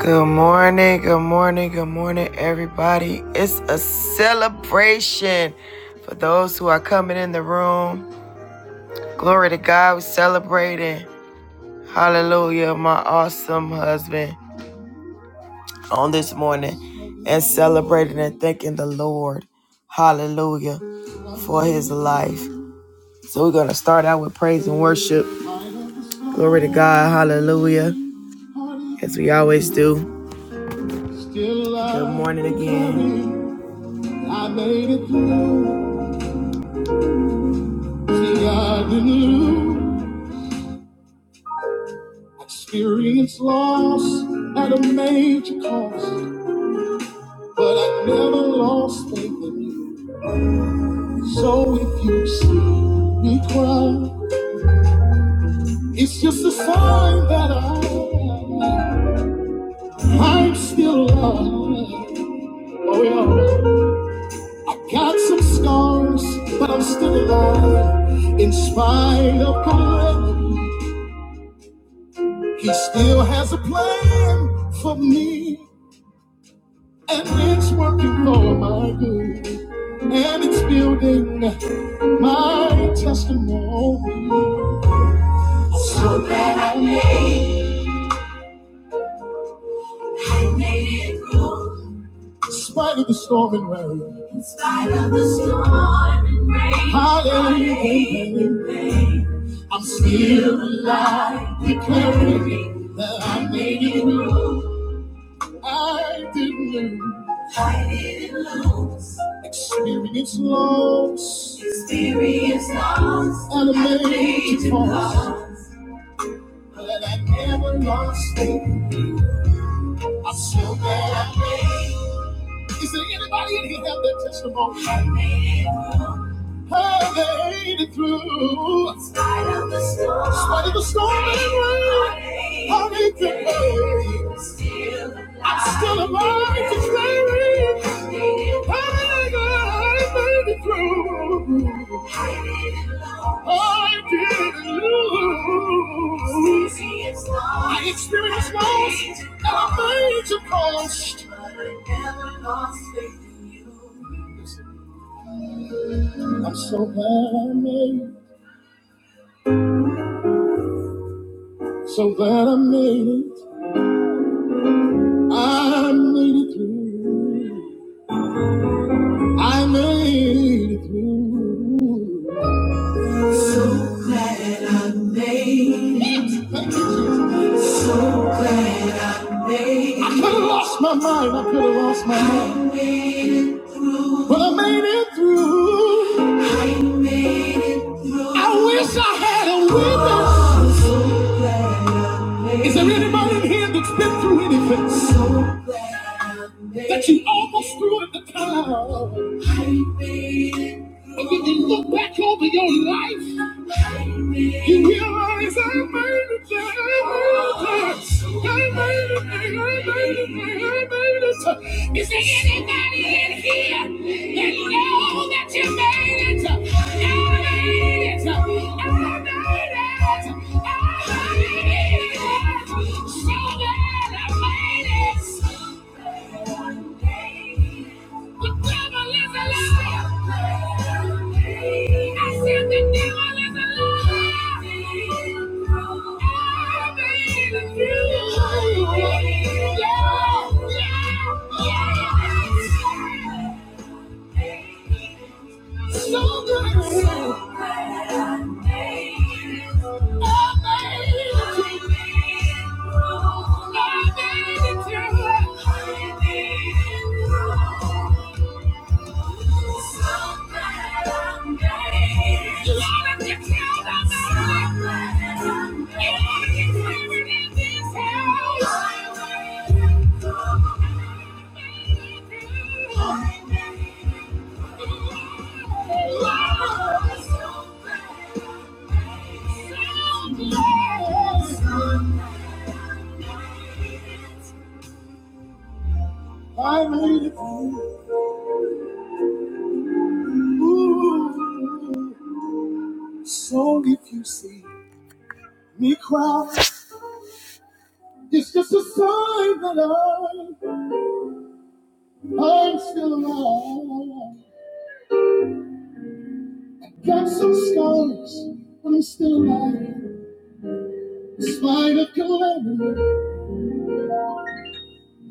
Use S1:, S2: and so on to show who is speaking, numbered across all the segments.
S1: Good morning, good morning, good morning, everybody. It's a celebration for those who are coming in the room. Glory to God, we're celebrating. Hallelujah, my awesome husband on this morning and celebrating and thanking the Lord. Hallelujah for his life. So we're going to start out with praise and worship. Glory to God, hallelujah, as we always do. Good morning again. I made it through. See, I didn't lose. Experience loss at a major cost, but I never lost faith in you. So if you see me cry, it's just a sign that I, I'm still alive. Oh yeah, got some scars, but I'm still alive. In spite of God, He still has a plan for me. And it's working for my good. And it's building my testimony. So glad I made, I made it through. In spite of the storm and rain. In spite of the storm and rain. Hallelujah. Hallelujah. Rain. I'm still alive, declaring that I made it through. I didn't lose. I didn't lose. Experience loss. Experience loss. And a major loss. But I never lost it. I'm so glad I made it. Is there anybody in here have that testimony? I made it through. I made it through. In spite of the storm. In spite of the storm and rain. I made it through. I'm still alive. I'm still alive declaring. I made it through. I didn't lose. I experienced loss at a major cost. I'm so glad I made it. So glad I made it. I made it through. I made it through. So glad I made it. Thank you, Jesus. I could have lost my mind, I could have lost my mind. But I made it through. I made it through. I wish I had a witness. Oh, so Is there anybody in here that's been through anything? So glad That you almost threw at the towel. And when you look back over your life, you realize I made it, yeah, I made it, I made it, I made it, I made it. Is there anybody in here that know that you made it? I made it, I made it, I made it. So glad I made it. Whatever is alive. I said the devil is alive. I believe in you. Yeah, yeah, yeah. So good. Amazing. Amazing. I made it for So if you see me cry, it's just a sign that I. I'm still alive. Got some scars, but I'm still alive. In spite of calamity,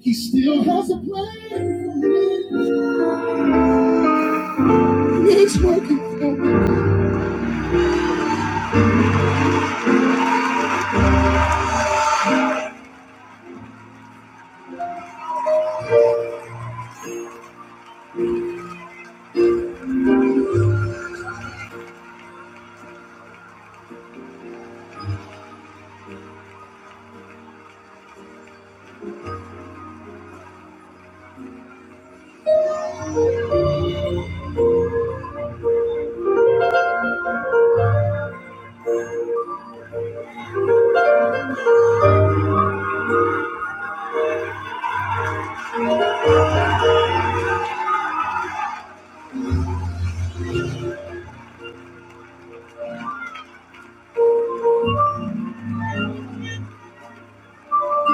S1: he still has a plan for me. He's working for me.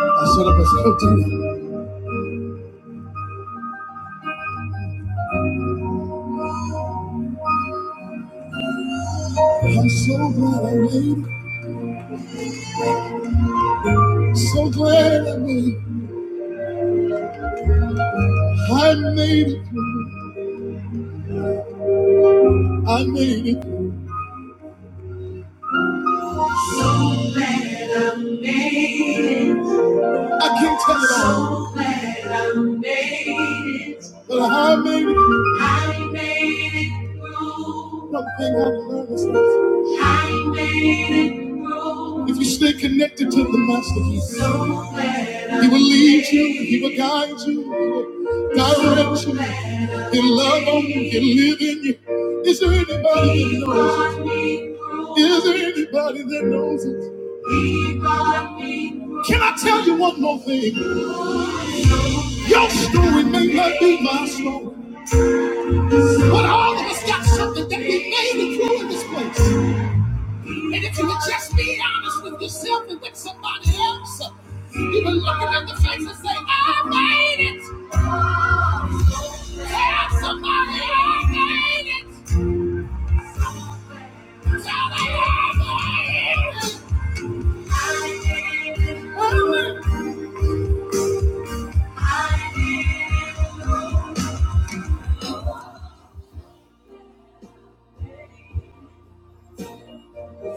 S1: I set up a shelter. I'm so glad I made it. So glad I made it. I made it through. I made it. through. I can't tell it all. Made it. But I made it. I made it through. One thing I've learned is this. I made it through. If you stay connected to the Master, He So He will lead you, He will guide you, He will direct you, He'll love on you, He'll live in you. Is there anybody that knows it? Is there anybody that knows it? Can I tell you one more thing? Your story may not be my story. But all of us got something that we made to do in this place. And if you would just be honest with yourself and with somebody else, you would look it in the face and say, I made it. Tell somebody I made it. Tell them I made it. I made it.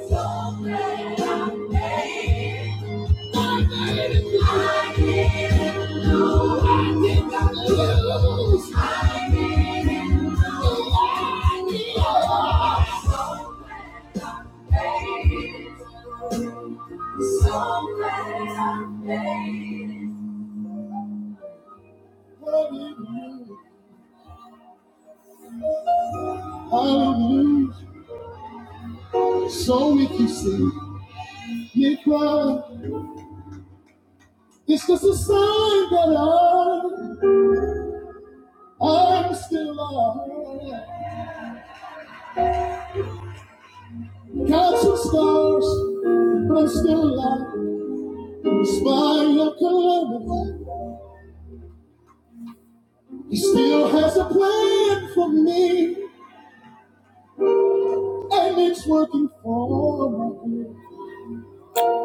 S1: So glad I made it. Hallelujah. So if you see me cry, it's just a sign that I, I'm still alive. Got some scars, but I'm still alive. Despite your calamity, he still has a plan for me, and it's working for my good.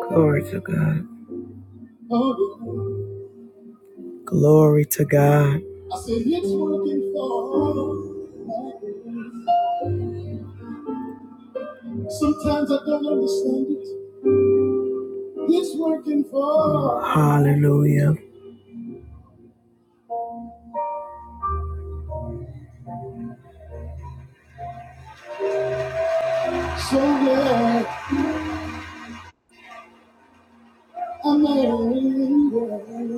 S1: Glory to God. Oh, yeah. Glory to God. I said it's working for my good. Sometimes I don't understand it. It's working for. Hallelujah. So yeah, I'm not angry.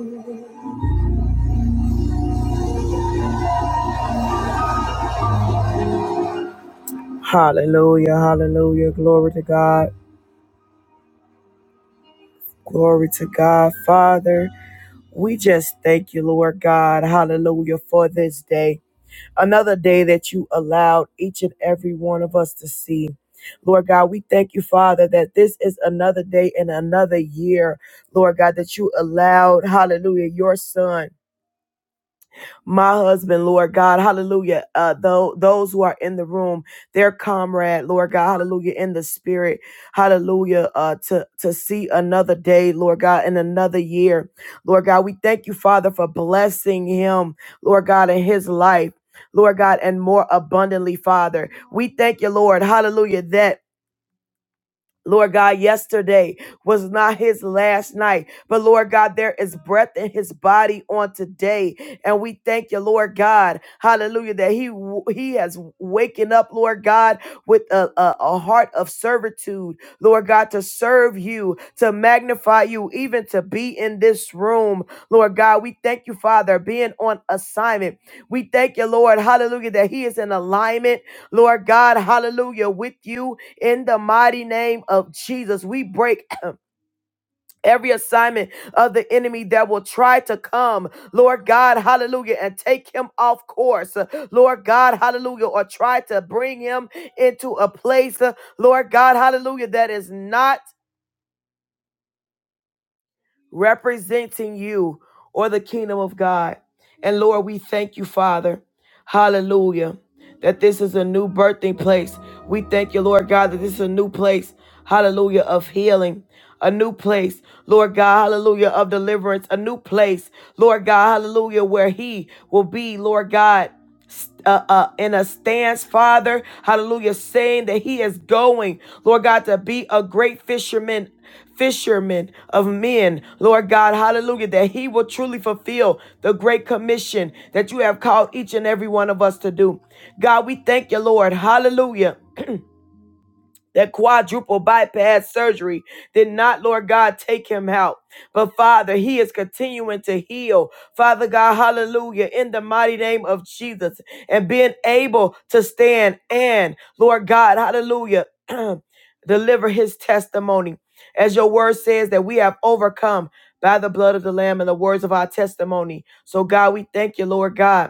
S1: Hallelujah, hallelujah. Glory to God. Glory to God, Father. We just thank you, Lord God. Hallelujah for this day. Another day that you allowed each and every one of us to see. Lord God, we thank you, Father, that this is another day and another year, Lord God, that you allowed, hallelujah, your son. my husband, Lord God, hallelujah. Uh, tho- those who are in the room, their comrade, Lord God, hallelujah, in the spirit, hallelujah, uh, to, to see another day, Lord God, and another year. Lord God, we thank you, Father, for blessing him, Lord God, in his life. Lord God, and more abundantly, Father. We thank you, Lord. Hallelujah. That. Lord God, yesterday was not his last night, but Lord God, there is breath in his body on today, and we thank you, Lord God, Hallelujah, that he he has waken up, Lord God, with a, a, a heart of servitude, Lord God, to serve you, to magnify you, even to be in this room, Lord God. We thank you, Father, being on assignment. We thank you, Lord, Hallelujah, that he is in alignment, Lord God, Hallelujah, with you in the mighty name of Jesus. We break every assignment of the enemy that will try to come, Lord God, hallelujah, and take him off course, uh, Lord God, hallelujah, or try to bring him into a place, uh, Lord God, hallelujah, that is not. representing you or the kingdom of God. And Lord, we thank you, Father. Hallelujah. That this is a new birthing place. We thank you, Lord God, that this is a new place, hallelujah, of healing, a new place, Lord God, hallelujah, of deliverance, a new place, Lord God, hallelujah, where He will be, Lord God uh, uh, in a stance, Father, hallelujah, saying that he is going, Lord God, to be a great fisherman, fisherman of men, Lord God, hallelujah, that he will truly fulfill the great commission that you have called each and every one of us to do. God, we thank you, Lord, hallelujah. That quadruple bypass surgery did not, Lord God, take him out. But Father, he is continuing to heal. Father God, hallelujah, in the mighty name of Jesus. And being able to stand and, Lord God, hallelujah, deliver his testimony. As your word says, that we have overcome by the blood of the Lamb and the words of our testimony. So, God, we thank you, Lord God.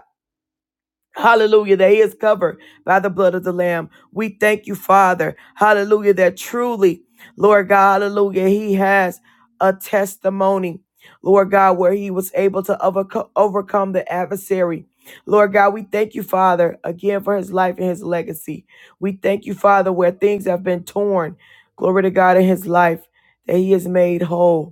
S1: Hallelujah. That he is covered by the blood of the Lamb. We thank you, Father. Hallelujah. That truly, Lord God, hallelujah, he has a testimony, Lord God, where he was able to overco- overcome the adversary. Lord God, we thank you, Father, again for his life and his legacy. We thank you, Father, where things have been torn. Glory to God in his life that he is made whole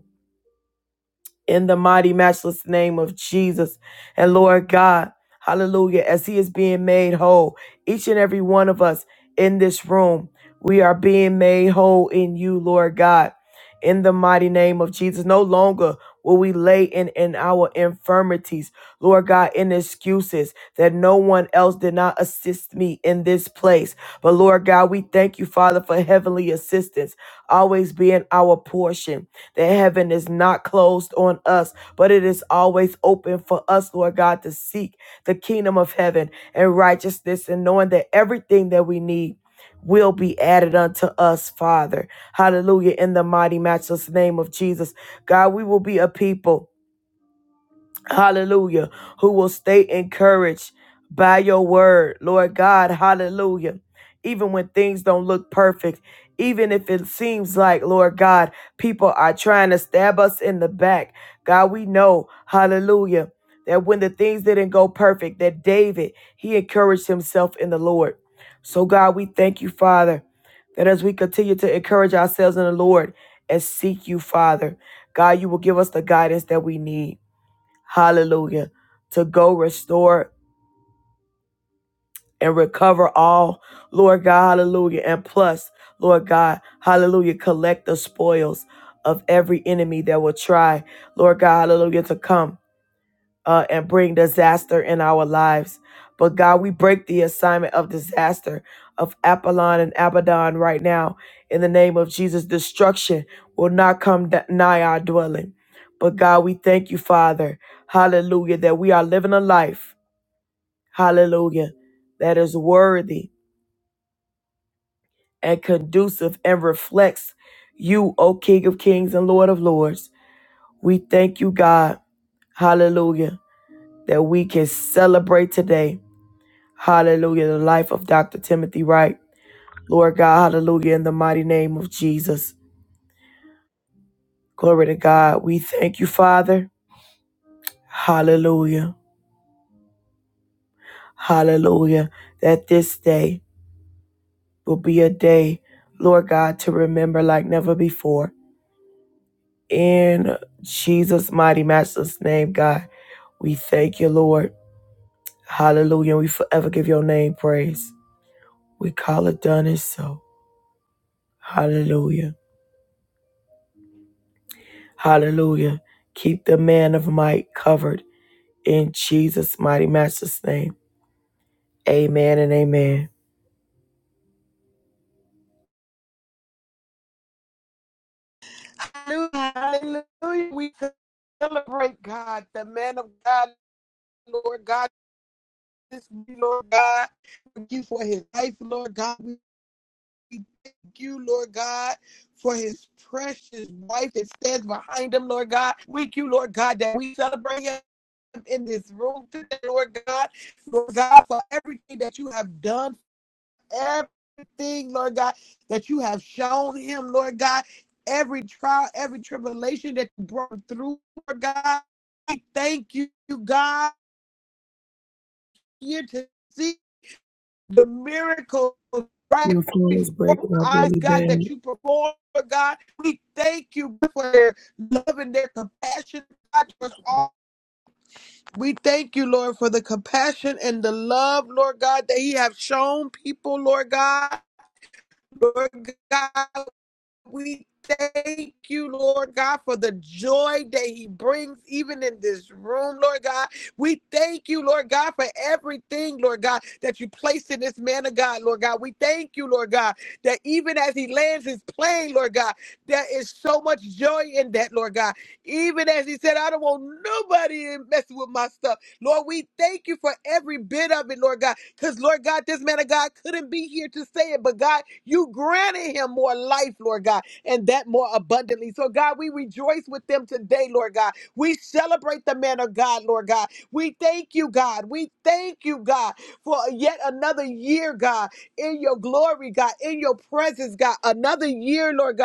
S1: in the mighty, matchless name of Jesus. And Lord God, hallelujah, as He is being made whole, each and every one of us in this room, we are being made whole in you, Lord God, in the mighty name of Jesus. No longer will we lay in, in our infirmities, Lord God, in excuses that no one else did not assist me in this place. But Lord God, we thank you, Father, for heavenly assistance always being our portion that heaven is not closed on us, but it is always open for us, Lord God, to seek the kingdom of heaven and righteousness and knowing that everything that we need will be added unto us, Father. Hallelujah. In the mighty, matchless name of Jesus. God, we will be a people hallelujah, who will stay encouraged by your word, Lord God, hallelujah. Even when things don't look perfect, even if it seems like, Lord God, people are trying to stab us in the back, God, we know, hallelujah, that when the things didn't go perfect, that David, he encouraged himself in the Lord. So, God, we thank you, Father, that as we continue to encourage ourselves in the Lord and seek you, Father, God, you will give us the guidance that we need hallelujah, to go restore and recover all, Lord God, hallelujah. And plus, Lord God, hallelujah, collect the spoils of every enemy that will try, Lord God, hallelujah, to come uh, and bring disaster in our lives. But God, we break the assignment of disaster of Apollon and Abaddon right now in the name of Jesus. Destruction will not come da- nigh our dwelling. But God, we thank you, Father, hallelujah, that we are living a life. hallelujah, that is worthy and conducive and reflects you, O King of Kings and Lord of Lords. We thank you, God, hallelujah, that we can celebrate today, hallelujah, the life of Dr. Timothy Wright. Lord God, hallelujah, in the mighty name of Jesus. Glory to God. We thank you, Father, hallelujah, hallelujah, that this day will be a day, Lord God, to remember like never before. In Jesus' mighty master's name, God, we thank you, Lord. Hallelujah. We forever give your name praise. We call it done and so. Hallelujah. Hallelujah. Keep the man of might covered in Jesus' mighty master's name. Amen and amen.
S2: Hallelujah. We celebrate God, the man of God, Lord God, this week, Lord God. Thank you for his life, Lord God. We thank you, Lord God, for his precious wife that stands behind him, Lord God. We thank you, Lord God, that we celebrate him in this room today, Lord God. Lord God, for everything that you have done everything, Lord God, that you have shown him, Lord God, every trial, every tribulation that you brought through, Lord God. We thank you, God, here to see the miracle
S1: Your
S2: right
S1: phone is
S2: before
S1: breaking up
S2: our eyes,
S1: really
S2: God, that
S1: bad.
S2: you perform, Lord God. We thank you for their love and their compassion, God, towards all. We thank you, Lord, for the compassion and the love, Lord God, that He have shown people, Lord God. Lord God. We thank you, Lord God, for the joy that He brings, even in this room, Lord God. We thank you, Lord God, for everything, Lord God, that you placed in this man of God, Lord God. We thank you, Lord God, that even as He lands His plane, Lord God, there is so much joy in that, Lord God. Even as He said, I don't want nobody messing with my stuff. Lord, we thank you for every bit of it, Lord God. Because, Lord God, this man of God couldn't be here to say it, but God, you granted him more life, Lord God, and that more abundantly. So, God, we rejoice with them today, Lord God. We celebrate the man of God, Lord God. We thank you, God. We thank you, God, for yet another year, God, in your glory, God, in your presence, God. Another year, Lord God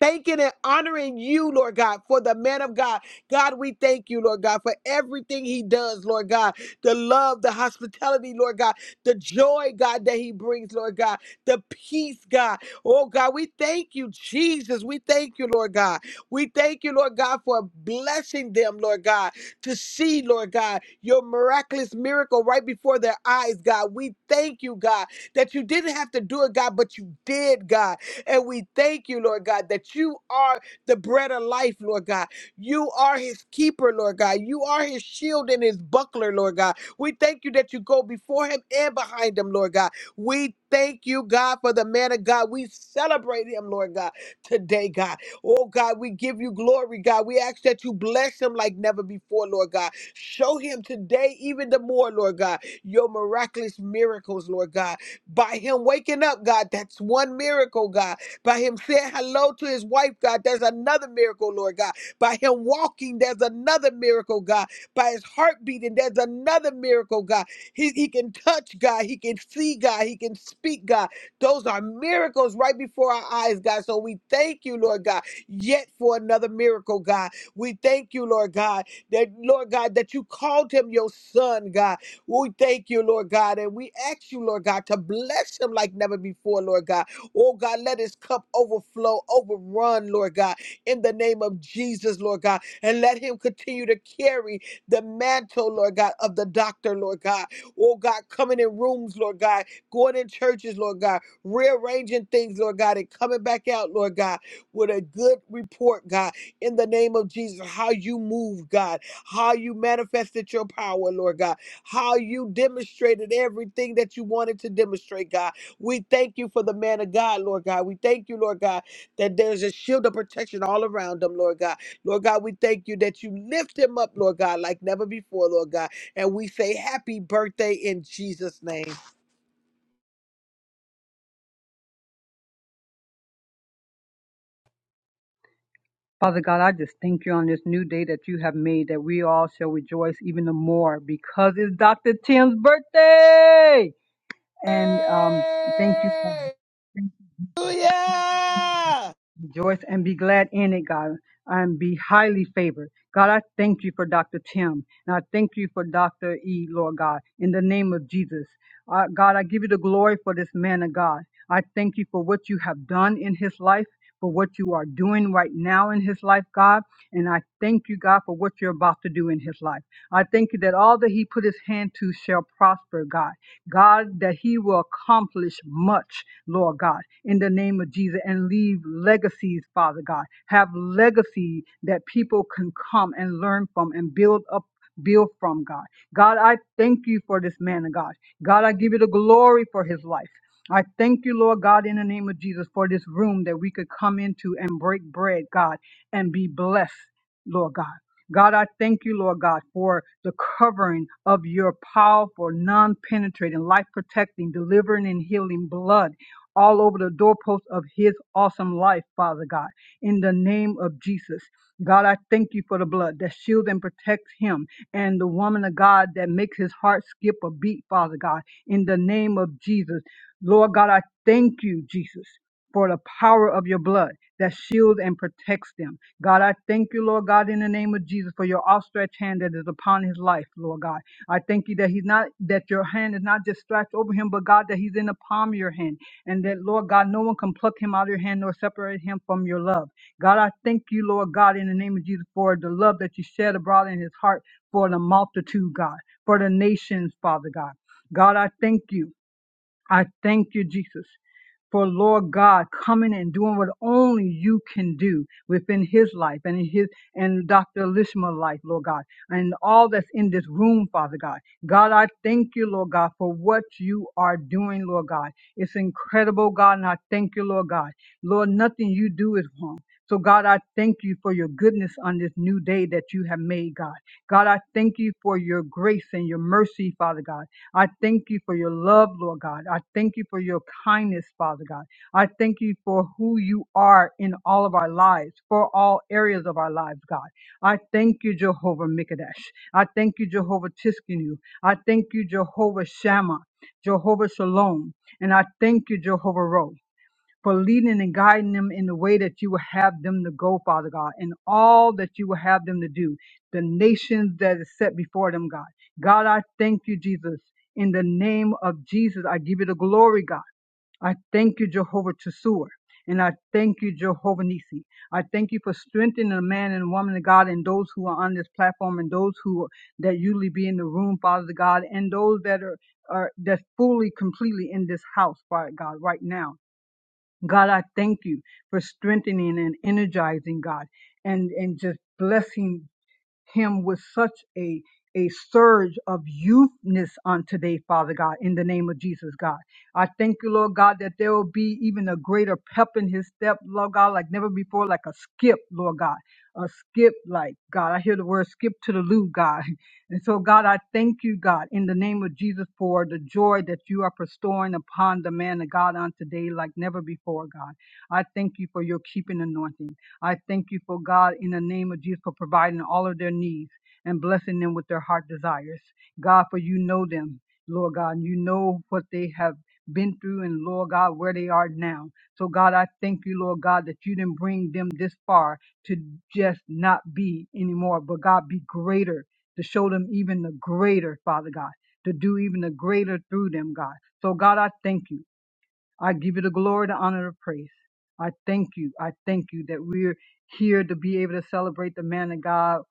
S2: thanking and honoring you, Lord God, for the man of God. God, we thank you, Lord God, for everything he does, Lord God. The love, the hospitality, Lord God, the joy, God, that he brings, Lord God, the peace, God. Oh, God, we thank you, Jesus. We thank you, Lord God. We thank you, Lord God, for blessing them, Lord God, to see, Lord God, your miraculous miracle right before their eyes, God. We thank you, God, that you didn't have to do it, God, but you did, God. And we thank you, Lord God, that you are the bread of life, Lord God. You are his keeper, Lord God. You are his shield and his buckler, Lord God. We thank you that you go before him and behind him, Lord God. We thank you, God, for the man of God. We celebrate him, Lord God, today, God. Oh, God, we give you glory, God. We ask that you bless him like never before, Lord God. Show him today even the more, Lord God, your miraculous miracles, Lord God. By him waking up, God, that's one miracle, God by him saying hello to his wife, God, there's another miracle, Lord God. By him walking, there's another miracle, God. By his heart beating, there's another miracle, God. He, he can touch, God. He can see, God. He can speak, God. Those are miracles right before our eyes, God. So we thank you, Lord God, yet for another miracle, God. We thank you, Lord God, that, Lord God, that you called him your son, God. We thank you, Lord God, and we ask you, Lord God, to bless him like never before, Lord God. Oh God, let his cup overflow, overrun, Lord God, in the name of Jesus, Lord God. And let him continue to carry the mantle, Lord God, of the doctor, Lord God. Oh God, coming in rooms, Lord God, going in churches, Lord God, rearranging things, Lord God, and coming back out, Lord God, with a good report, God, in the name of Jesus. How you move, God, how you manifested your power, Lord God, how you demonstrated everything that you wanted to demonstrate, God. We thank you for the man of God, Lord God. We thank you, Lord God, that there's a shield of protection all around him, Lord God. Lord God, we thank you that you lift him up, Lord God, like never before, Lord God. And we say happy birthday in Jesus' name.
S3: Father God, I just thank you on this new day that you have made that we all shall rejoice even the more because it's Dr. Tim's birthday. And um, thank you, God.
S4: Hey!
S2: Hallelujah!
S3: Rejoice and be glad in it, God, and be highly favored. God, I thank you for Dr. Tim, and I thank you for Dr. E, Lord God, in the name of Jesus. Uh, God, I give you the glory for this man of God. I thank you for what you have done in his life, for what you are doing right now in his life, God. And I thank you, God, for what you're about to do in his life. I thank you that all that he put his hand to shall prosper, God. God, that he will accomplish much, Lord God, in the name of Jesus, and leave legacies, Father God. Have legacy that people can come and learn from and build up, build from God. God, I thank you for this man of God. God, I give you the glory for his life. I thank you, Lord God, in the name of Jesus, for this room that we could come into and break bread, God, and be blessed, Lord God. God, I thank you, Lord God, for the covering of your powerful, non penetrating, life protecting, delivering, and healing blood all over the doorposts of his awesome life, Father God, in the name of Jesus. God, I thank you for the blood that shields and protects him and the woman of God that makes his heart skip a beat, Father God, in the name of Jesus. Lord God, I thank you, Jesus for the power of your blood that shields and protects them. God, I thank you, Lord God, in the name of Jesus for your outstretched hand that is upon his life, Lord God. I thank you that he's not, that your hand is not just stretched over him, but God, that he's in the palm of your hand. And that, Lord God, no one can pluck him out of your hand nor separate him from your love. God, I thank you, Lord God, in the name of Jesus for the love that you shed abroad in his heart for the multitude, God, for the nations, Father God. God, I thank you. I thank you, Jesus, for Lord God coming and doing what only you can do within his life and in his and Dr. Lishma's life, Lord God, and all that's in this room, Father God. God, I thank you, Lord God, for what you are doing, Lord God. It's incredible, God, and I thank you, Lord God. Lord, nothing you do is wrong. So God, I thank you for your goodness on this new day that you have made, God. God, I thank you for your grace and your mercy, Father God. I thank you for your love, Lord God. I thank you for your kindness, Father God. I thank you for who you are in all of our lives, for all areas of our lives, God. I thank you, Jehovah Mikadesh. I thank you, Jehovah Tiskenu. I thank you, Jehovah Shammah, Jehovah Shalom. And I thank you, Jehovah Ro for leading and guiding them in the way that you will have them to go, Father God, and all that you will have them to do, the nations that is set before them, God. God, I thank you, Jesus. In the name of Jesus, I give you the glory, God. I thank you, Jehovah Tsuer. And I thank you, Jehovah Nisi. I thank you for strengthening the man and woman of God and those who are on this platform and those who that usually be in the room, Father God, and those that are, are that's fully, completely in this house, Father God, right now. God, I thank you for strengthening and energizing God and, and just blessing him with such a a surge of youthness on today, Father God, in the name of Jesus, God. I thank you, Lord God, that there will be even a greater pep in his step, Lord God, like never before, like a skip, Lord God, a skip, like God. I hear the word skip to the loo, God. And so, God, I thank you, God, in the name of Jesus, for the joy that you are bestowing upon the man of God on today, like never before, God. I thank you for your keeping anointing. I thank you for God in the name of Jesus for providing all of their needs and blessing them with their heart desires. God, for you know them, Lord God, and you know what they have been through and Lord God, where they are now. So God, I thank you, Lord God, that you didn't bring them this far to just not be anymore, but God be greater to show them even the greater, Father God, to do even the greater through them, God. So God, I thank you. I give you the glory, the honor, the praise. I thank you. I thank you that we're here to be able to celebrate the man of God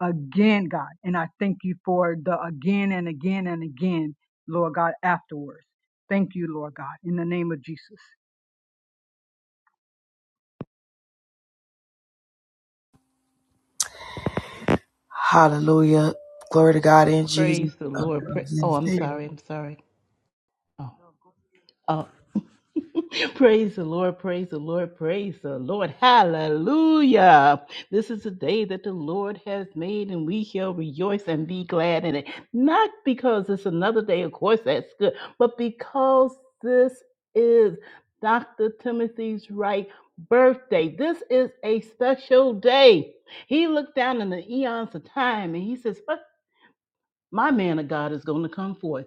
S3: again, God. And I thank you for the again and again and again, Lord God, afterwards. Thank you, Lord God, in the name of Jesus.
S1: Hallelujah. Glory to God in Jesus.
S5: Praise the Lord. Pra- oh, I'm sorry. I'm sorry. Oh, oh. praise the Lord. Praise the Lord. Praise the Lord. Hallelujah. This is the day that the Lord has made, and we shall rejoice and be glad in it. Not because it's another day, of course, that's good, but because this is Dr. Timothy's right birthday. This is a special day. He looked down in the eons of time and he says, "What? My man of God is going to come forth.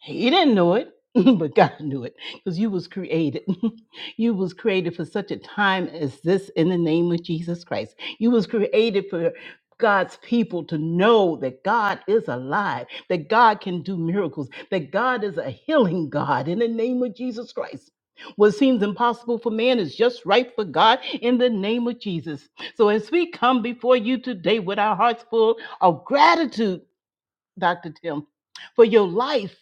S5: He didn't know it, but God knew it because you was created. you was created for such a time as this in the name of Jesus Christ. You was created for God's people to know that God is alive, that God can do miracles, that God is a healing God in the name of Jesus Christ. What seems impossible for man is just right for God in the name of Jesus. So, as we come before you today with our hearts full of gratitude, Dr. Tim, for your life,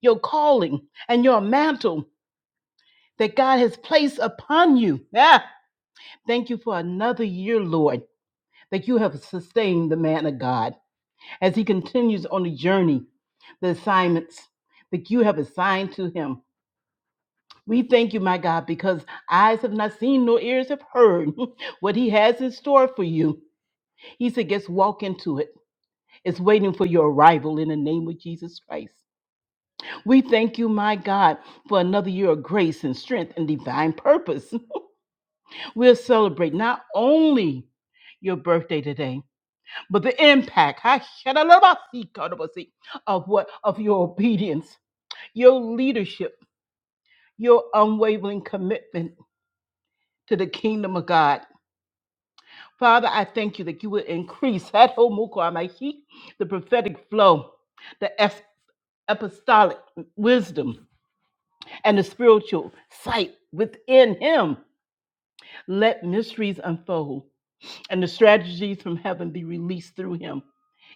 S5: your calling, and your mantle that God has placed upon you. Yeah. Thank you for another year, Lord, that you have sustained the man of God as he continues on the journey, the assignments that you have assigned to him. We thank you, my God, because eyes have not seen nor ears have heard what he has in store for you. He said, just walk into it. It's waiting for your arrival in the name of Jesus Christ. We thank you, my God, for another year of grace and strength and divine purpose. We'll celebrate not only your birthday today, but the impact ha, shadalabasi, kadabasi, of what of your obedience, your leadership, your unwavering commitment to the kingdom of God. Father, I thank you that you will increase that whole muko amahi, the prophetic flow, the es- apostolic wisdom, and the spiritual sight within him Let mysteries unfold and the strategies from heaven be released through him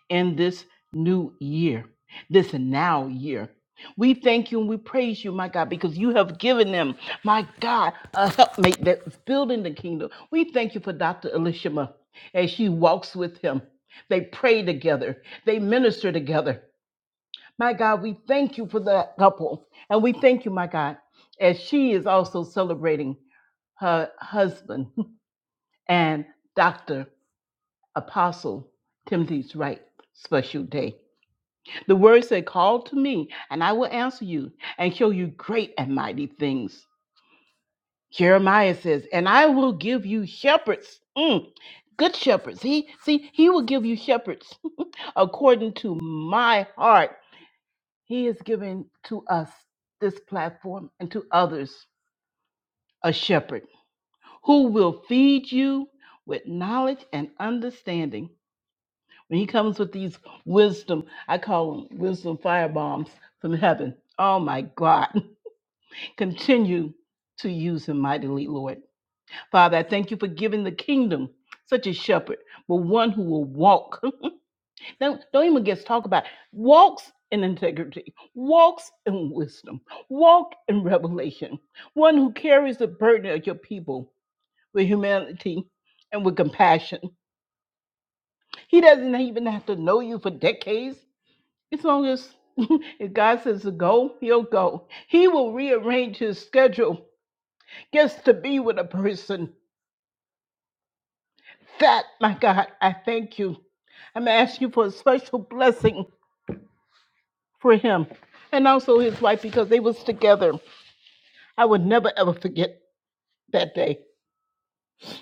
S5: in this new year, this now year. We thank you and we praise you, my God, because you have given them, my God, a helpmate that's building the kingdom. We thank you for Dr. Elishama as she walks with him. They pray together, they minister together. My God, we thank you for that couple. And we thank you, my God, as she is also celebrating her husband. and Dr. Apostle Timothy's Wright special day. The word said, Call to me, and I will answer you and show you great and mighty things. Jeremiah says, And I will give you shepherds. Mm, good shepherds. He see, he will give you shepherds according to my heart. He is giving to us this platform and to others a shepherd who will feed you with knowledge and understanding When he comes with these wisdom, I call them wisdom firebombs from heaven. Oh my God. Continue to use him mightily, Lord. Father, I thank you for giving the kingdom such a shepherd, but one who will walk. Don't, don't even get to talk about it. walks in integrity, walks in wisdom, walk in revelation. One who carries the burden of your people with humanity and with compassion. He doesn't even have to know you for decades. As long as if God says to go, he'll go. He will rearrange his schedule just to be with a person. That, my God, I thank you. I'm asking you for a special blessing for him and also his wife because they was together. I would never ever forget that day.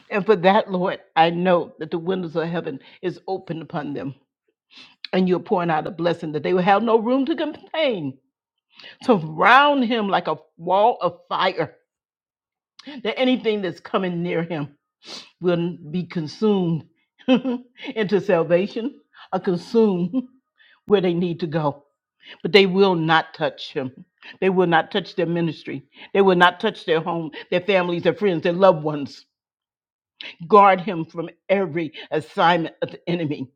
S5: And for that, Lord, I know that the windows of heaven is open upon them. And you're pouring out a blessing that they will have no room to contain. Surround him like a wall of fire that anything that's coming near him will be consumed into salvation or consumed where they need to go. But they will not touch him. They will not touch their ministry. They will not touch their home, their families, their friends, their loved ones. Guard him from every assignment of the enemy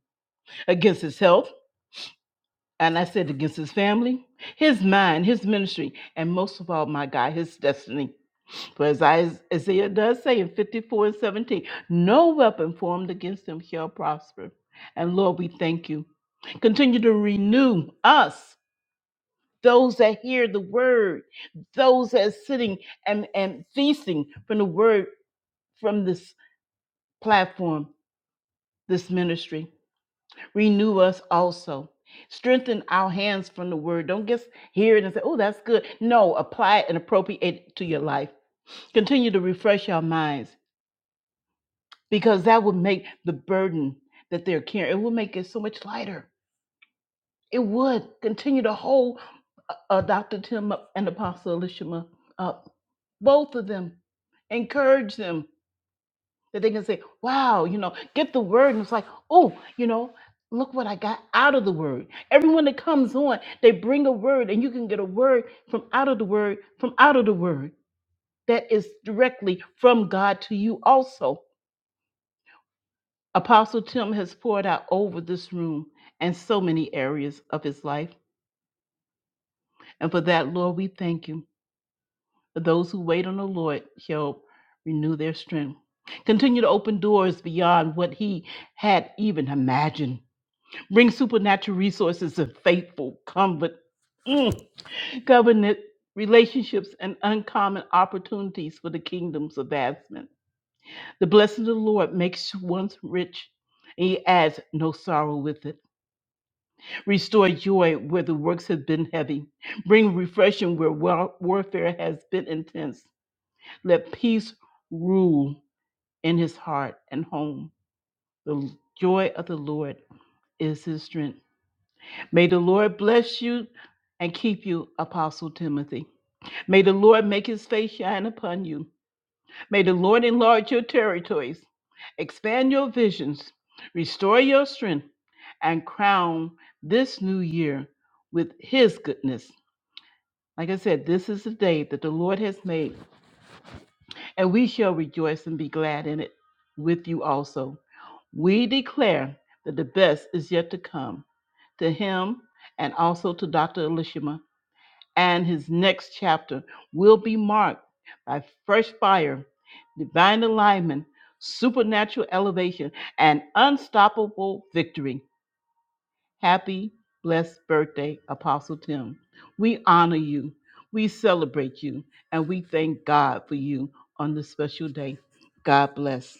S5: against his health, and I said against his family, his mind, his ministry, and most of all, my God, his destiny. For as Is- Isaiah does say in 54 and 17, no weapon formed against them shall prosper. And Lord, we thank you. Continue to renew us, those that hear the word, those that are sitting and, and feasting from the word from this platform, this ministry. Renew us also. Strengthen our hands from the word. Don't just hear it and say, oh, that's good. No, apply it and appropriate it to your life. Continue to refresh our minds because that would make the burden that they're carrying it would make it so much lighter it would continue to hold uh, uh, dr tim up and apostle elishama up both of them encourage them that they can say wow you know get the word and it's like oh you know look what i got out of the word everyone that comes on they bring a word and you can get a word from out of the word from out of the word that is directly from god to you also Apostle Tim has poured out over this room and so many areas of his life. And for that, Lord, we thank you. For those who wait on the Lord, he'll renew their strength. Continue to open doors beyond what he had even imagined. Bring supernatural resources and faithful comfort, mm, covenant relationships, and uncommon opportunities for the kingdom's advancement. The blessing of the Lord makes one's rich, and he adds no sorrow with it. Restore joy where the works have been heavy. Bring refreshing where wa- warfare has been intense. Let peace rule in his heart and home. The joy of the Lord is his strength. May the Lord bless you and keep you, Apostle Timothy. May the Lord make his face shine upon you. May the Lord enlarge your territories, expand your visions, restore your strength, and crown this new year with his goodness Like I said, this is the day that the Lord has made, and we shall rejoice and be glad in it with you also. We declare that the best is yet to come to him and also to Dr. Elishima, and his next chapter will be marked by fresh fire, divine alignment, supernatural elevation, and unstoppable victory. Happy, blessed birthday, Apostle Tim. We honor you, we celebrate you, and we thank God for you on this special day. God bless.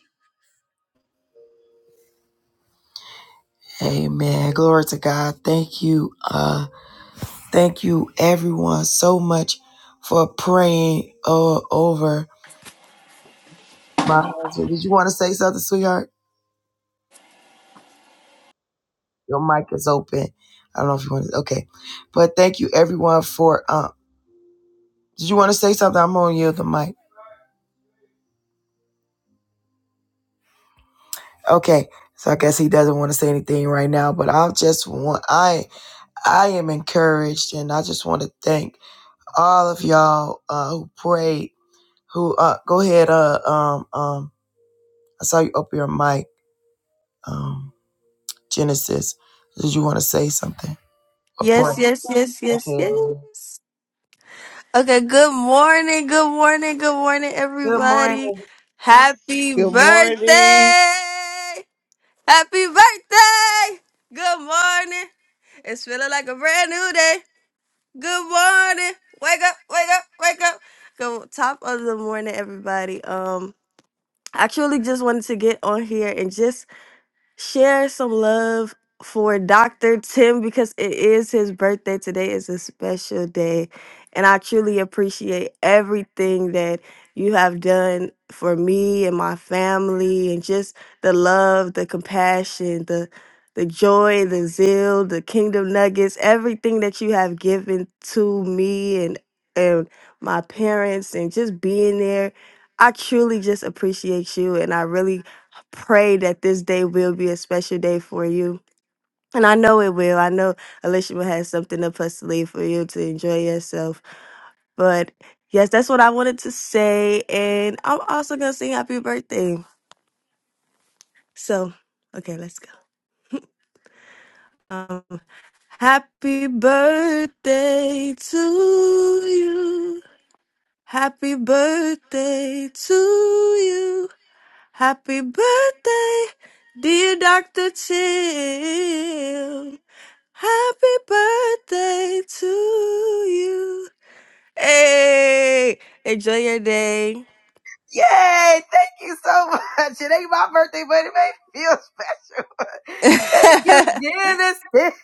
S1: Amen. Glory to God. Thank you. Uh. Thank you, everyone, so much for praying uh, over my husband. Did you want to say something, sweetheart? Your mic is open. I don't know if you want to. Okay. But thank you, everyone, for. Uh, did you want to say something? I'm on you, the mic. Okay. So I guess he doesn't want to say anything right now, but I just want I I am encouraged, and I just want to thank all of y'all uh, who prayed. Who uh, go ahead? Uh, um, um, I saw you open your mic. Um. Genesis, did you want to say something? A
S6: Yes,
S1: prayer.
S6: yes, yes, yes,
S1: Okay.
S6: yes. Okay, good morning, good morning, good morning,
S1: Good morning.
S6: everybody. Happy
S2: Good morning.
S6: birthday! Happy birthday! Good morning. It's feeling like a brand new day. Good morning. Wake up, wake up, wake up. Good top of the morning, everybody. Um, I truly just wanted to get on here and just Share some love for Dr. Tim because it is his birthday. Today is a special day. And I truly appreciate everything that you have done for me and my family and just the love, the compassion, the the joy, the zeal, the kingdom nuggets, everything that you have given to me and and my parents and just being there. I truly just appreciate you and I really pray that this day will be a special day for you. And I know it will. I know Alicia will have something up her sleeve for you to enjoy yourself. But yes, that's what I wanted to say. And I'm also going to sing happy birthday. So, okay, let's go. Um, happy birthday to you. Happy birthday to you. Happy birthday, dear Dr. Tim. Happy birthday to you. Hey, enjoy your day.
S1: Yay! Thank you so much. It ain't my birthday, but it made me feel special. Thank
S6: Thank
S1: you,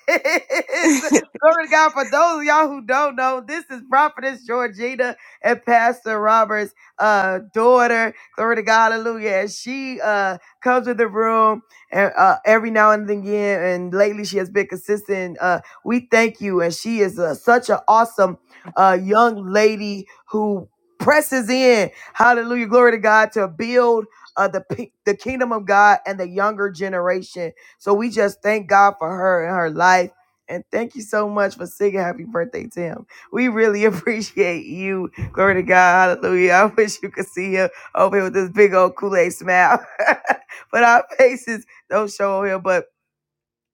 S1: Genesis. Glory to God. For those of y'all who don't know, this is Prophetess Georgina and Pastor Robert's uh, daughter. Glory to God. Hallelujah. And she uh, comes to the room and, uh, every now and again, and lately she has been consistent. Uh, we thank you. And she is uh, such an awesome uh, young lady who presses in Hallelujah. Glory to God to build uh, the, pe- the kingdom of God and the younger generation. So we just thank God for her and her life. And thank you so much for singing happy birthday, to him. We really appreciate you. Glory to God. Hallelujah. I wish you could see him over here with this big old Kool-Aid smile. but our faces don't show on here. But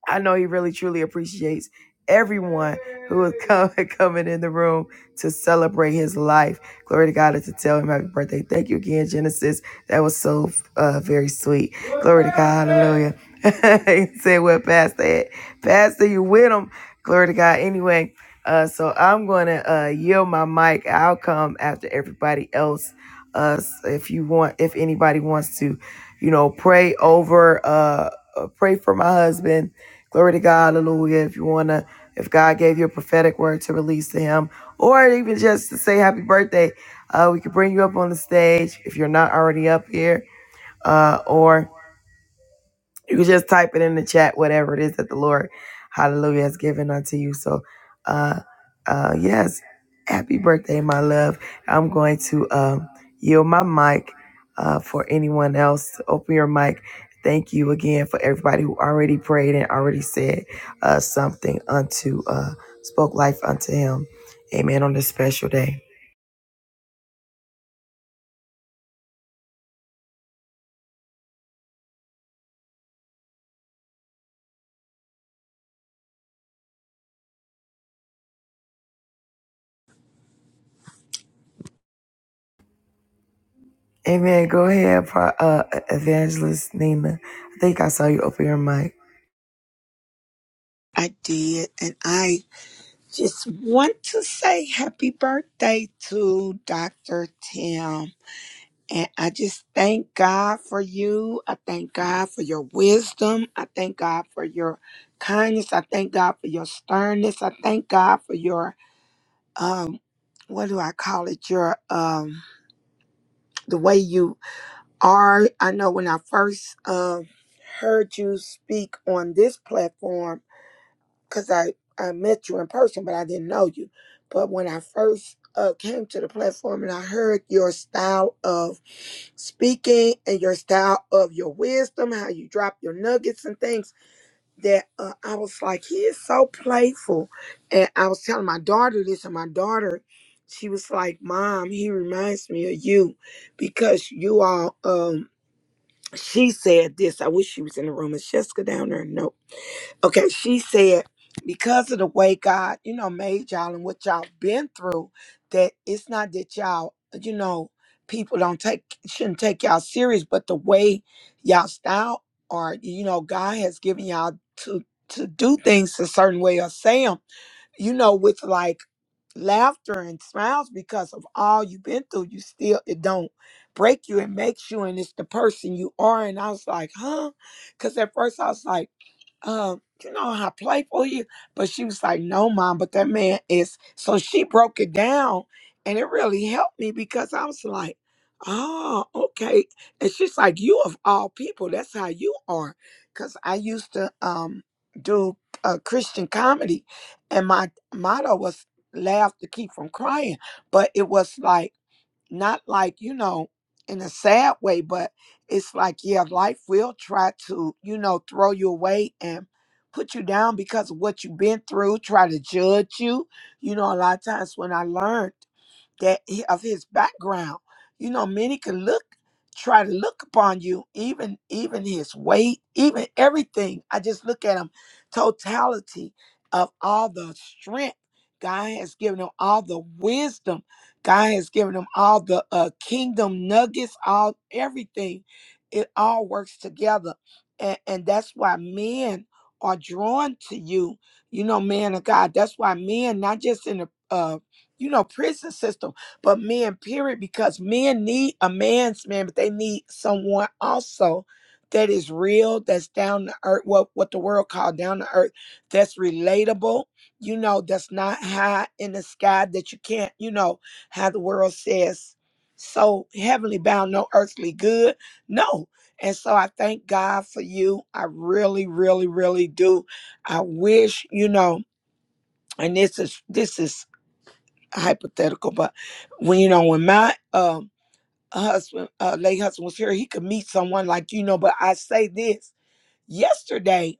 S1: I know he really truly appreciates everyone who is coming coming in the room to celebrate his life. Glory to God and to tell him happy birthday. Thank you again, Genesis. That was so uh, very sweet. Glory to God. Hallelujah. he said, "Well, Pastor, had. Pastor, you with him?" Glory to God. Anyway, uh, so I'm going to uh, yield my mic. I'll come after everybody else. Uh, if you want, if anybody wants to, you know, pray over, uh, uh, pray for my husband Glory to God, hallelujah. If you wanna, if God gave you a prophetic word to release to him, or even just to say happy birthday, uh, we could bring you up on the stage if you're not already up here. Uh, or you can just type it in the chat, whatever it is that the Lord, hallelujah, has given unto you. So, uh, uh, yes, happy birthday, my love. I'm going to um, yield my mic uh, for anyone else. to Open your mic. Thank you again for everybody who already prayed and already said uh, something unto, uh, spoke life unto him. Amen on this special day. Amen. Go ahead, Pro- uh, Evangelist Nina. I think I saw you open your mic.
S7: I did. And I just want to say happy birthday to Dr. Tim. And I just thank God for you. I thank God for your wisdom. I thank God for your kindness. I thank God for your sternness. I thank God for your um what do I call it? Your um the way you are. I know when I first um heard you speak on this platform because I, I met you in person, but I didn't know you. But when I first uh, came to the platform and I heard your style of speaking and your style of your wisdom, how you drop your nuggets and things, that uh, I was like, he is so playful. And I was telling my daughter this, and my daughter, she was like, Mom, he reminds me of you because you all, um, she said this. I wish she was in the room. Is Jessica down there? No. Okay, she said, because of the way God, you know, made y'all and what y'all been through, that it's not that y'all, you know, people don't take shouldn't take y'all serious, but the way y'all style are, you know, God has given y'all to to do things a certain way or say 'em, you know, with like laughter and smiles because of all you've been through, you still it don't break you, it makes you, and it's the person you are. And I was like, huh? Because at first I was like, um, you know how playful he is. But she was like, no, mom, but that man is. So she broke it down and it really helped me because I was like, oh, okay. And she's like, you of all people, that's how you are. Because I used to um, do uh, Christian comedy. And my motto was laugh to keep from crying but it was like not like you know in a sad way but it's like yeah life will try to you know throw you away and put you down because of what you've been through try to judge you you know a lot of times when i learned that he- of his background. You know, many can look, try to look upon you, even even his weight, even everything. I just look at him, totality of all the strength God has given him, all the wisdom God has given him, all the uh, kingdom nuggets, all everything. It all works together, and, and that's why men are drawn to you. You know, man of God. That's why men, not just in the uh, you know, prison system, but men, period, because men need a man's man, but they need someone also that is real, that's down to earth, what what the world call down to earth, that's relatable, you know, that's not high in the sky that you can't, you know, how the world says so heavenly bound, no earthly good. No. And so I thank God for you. I really, really, really do. I wish, you know, and this is this is hypothetical, but when you know when my um husband, uh, late husband was here, he could meet someone like you know. But I say this yesterday.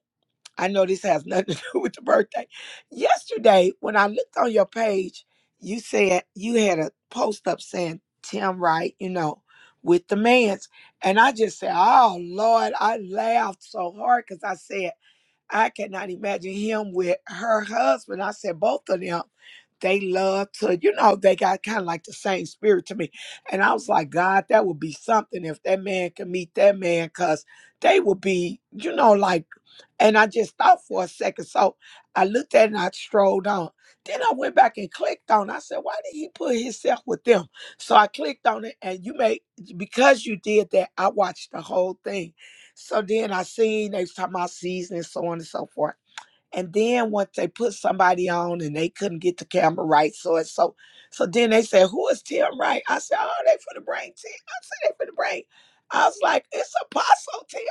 S7: I know this has nothing to do with the birthday. Yesterday, when I looked on your page, you said you had a post up saying Tim Wright, you know, with the man's, and I just said, "Oh Lord," I laughed so hard because I said. I cannot imagine him with her husband. I said both of them, they love to, you know, they got kind of like the same spirit to me. And I was like, God, that would be something if that man could meet that man, cause they would be, you know, like and I just thought for a second. So I looked at it and I strolled on. Then I went back and clicked on. it. I said, why did he put himself with them? So I clicked on it and you made because you did that, I watched the whole thing. So then I seen they was talking about season and so on and so forth. And then once they put somebody on and they couldn't get the camera right, so and so so then they said, Who is Tim Wright? I said, Oh, they for the brain Tim. I said they for the brain. I was like, it's apostle Tim.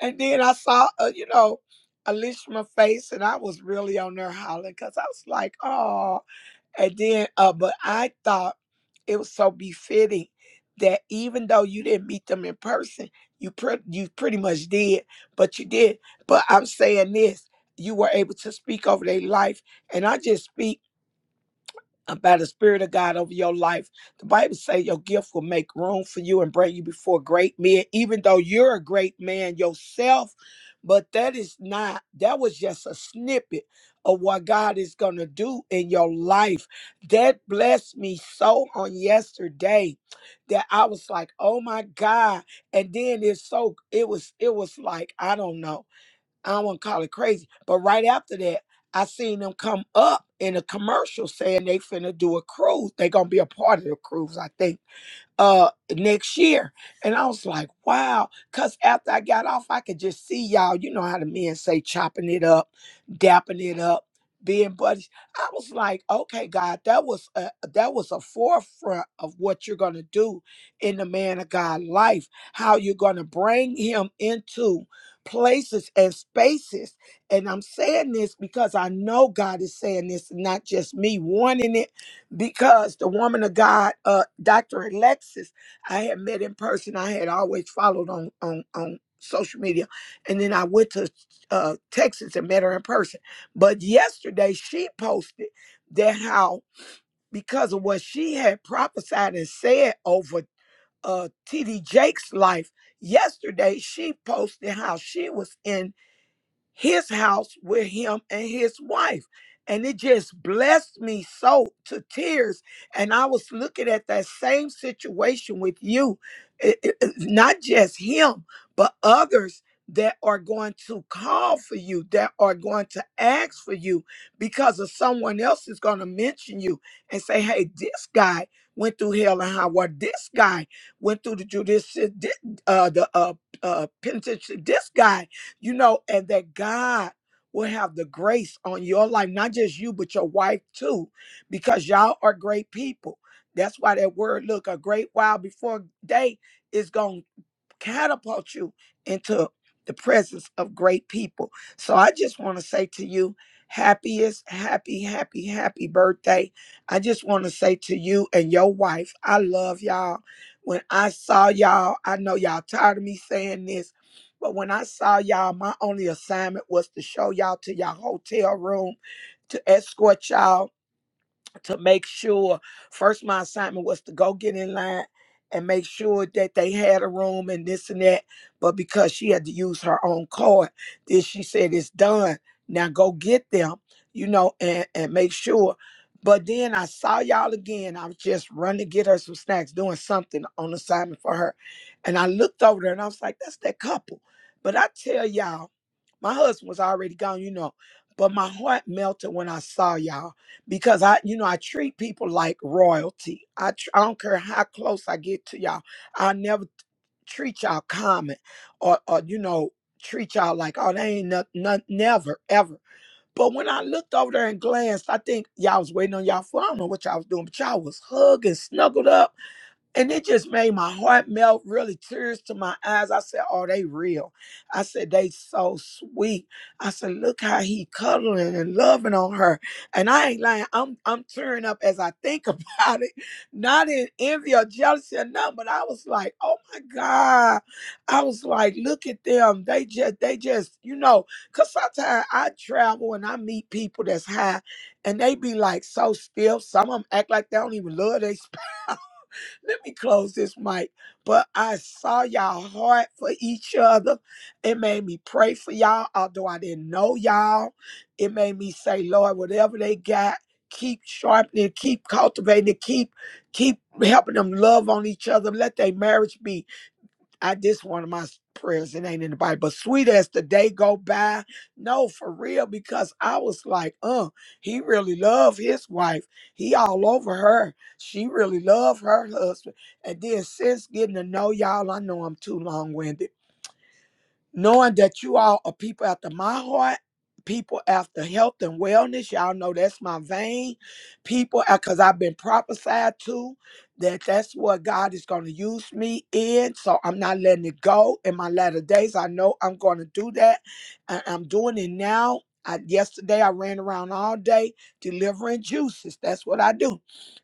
S7: And then I saw, uh, you know, Alishma face, and I was really on there hollering because I was like, oh. And then, uh, but I thought it was so befitting that even though you didn't meet them in person, you pre- you pretty much did, but you did. But I'm saying this, you were able to speak over their life, and I just speak uh, by the Spirit of God over your life. The Bible says your gift will make room for you and bring you before great men, even though you're a great man yourself. But that is not, that was just a snippet of what God is going to do in your life. That blessed me so on yesterday that I was like, oh my God. And then it's so, it was, it was like, I don't know. I don't want to call it crazy, but right after that, I seen them come up in a commercial saying they finna do a cruise. They gonna be a part of the cruise, I think uh next year. And I was like, wow. Cause after I got off, I could just see y'all, you know how the men say chopping it up, dapping it up, being buddies. I was like, okay, God, that was a that was a forefront of what you're gonna do in the man of God life, how you're gonna bring him into places and spaces. And I'm saying this because I know God is saying this, not just me wanting it because the woman of God, uh, Dr. Alexis, I had met in person. I had always followed on on on social media, and then I went to uh, Texas and met her in person. But yesterday, she posted that how because of what she had prophesied and said over uh, T.D. Jake's life. Yesterday, she posted how she was in his house with him and his wife. And it just blessed me so to tears. And I was looking at that same situation with you, It- it- it's not just him, but others that are going to call for you, that are going to ask for you because of someone else is going to mention you and say, hey, this guy went through hell and high water. This guy went through the judicial, uh, the uh, uh, penitentiary. This guy you know, and that God will have the grace on your life, not just you, but your wife too, because y'all are great people. That's why that word, look, a great while before day is gonna catapult you into the presence of great people. So I just want to say to you, happiest, happy, happy, happy birthday. I just want to say to you and your wife, I love y'all. When I saw y'all, I know y'all tired of me saying this, but when I saw y'all, my only assignment was to show y'all to y'all hotel room, to escort y'all to make sure first my assignment was to go get in line and make sure that they had a room and this and that but because she had to use her own card then she said it's done now go get them you know and and make sure but then i saw y'all again i was just running to get her some snacks doing something on assignment for her and i looked over there and i was like that's that couple but i tell y'all my husband was already gone, you know. But my heart melted when I saw y'all because I, you know, I treat people like royalty. I, tr- I don't care how close I get to y'all. I never treat y'all common or, or you know, treat y'all like, oh, they ain't nothing, never, ever. But when I looked over there and glanced, I think y'all was waiting on y'all phone. I don't know what y'all was doing, but y'all was hugging, snuggled up and it just made my heart melt, really tears to my eyes. I said, Oh, they real. I said, They so sweet. I said, Look how he cuddling and loving on her. And I ain't lying. I'm I'm tearing up as I think about it. Not in envy or jealousy or nothing, but I was like, oh my God. I was like, look at them. They just they just, you know, cause sometimes I travel and I meet people that's high and they be like so stiff. Some of them act like they don't even love their spouse. Let me close this mic. But I saw y'all heart for each other. It made me pray for y'all, although I didn't know y'all. It made me say, Lord, whatever they got, keep sharpening, keep cultivating, keep keep helping them love on each other. Let their marriage be I this one of my prayers. It ain't in the Bible, but sweet as the day go by. No, for real, because I was like, uh, he really loved his wife. He all over her. She really loved her husband. And then since getting to know y'all, I know I'm too long winded knowing that you all are people after my heart, people after health and wellness. Y'all know that's my vein. People, because I've been prophesied to that that's what God is going to use me in. So I'm not letting it go in my latter days. I know I'm going to do that. And I'm doing it now. I, yesterday, I ran around all day delivering juices. That's what I do.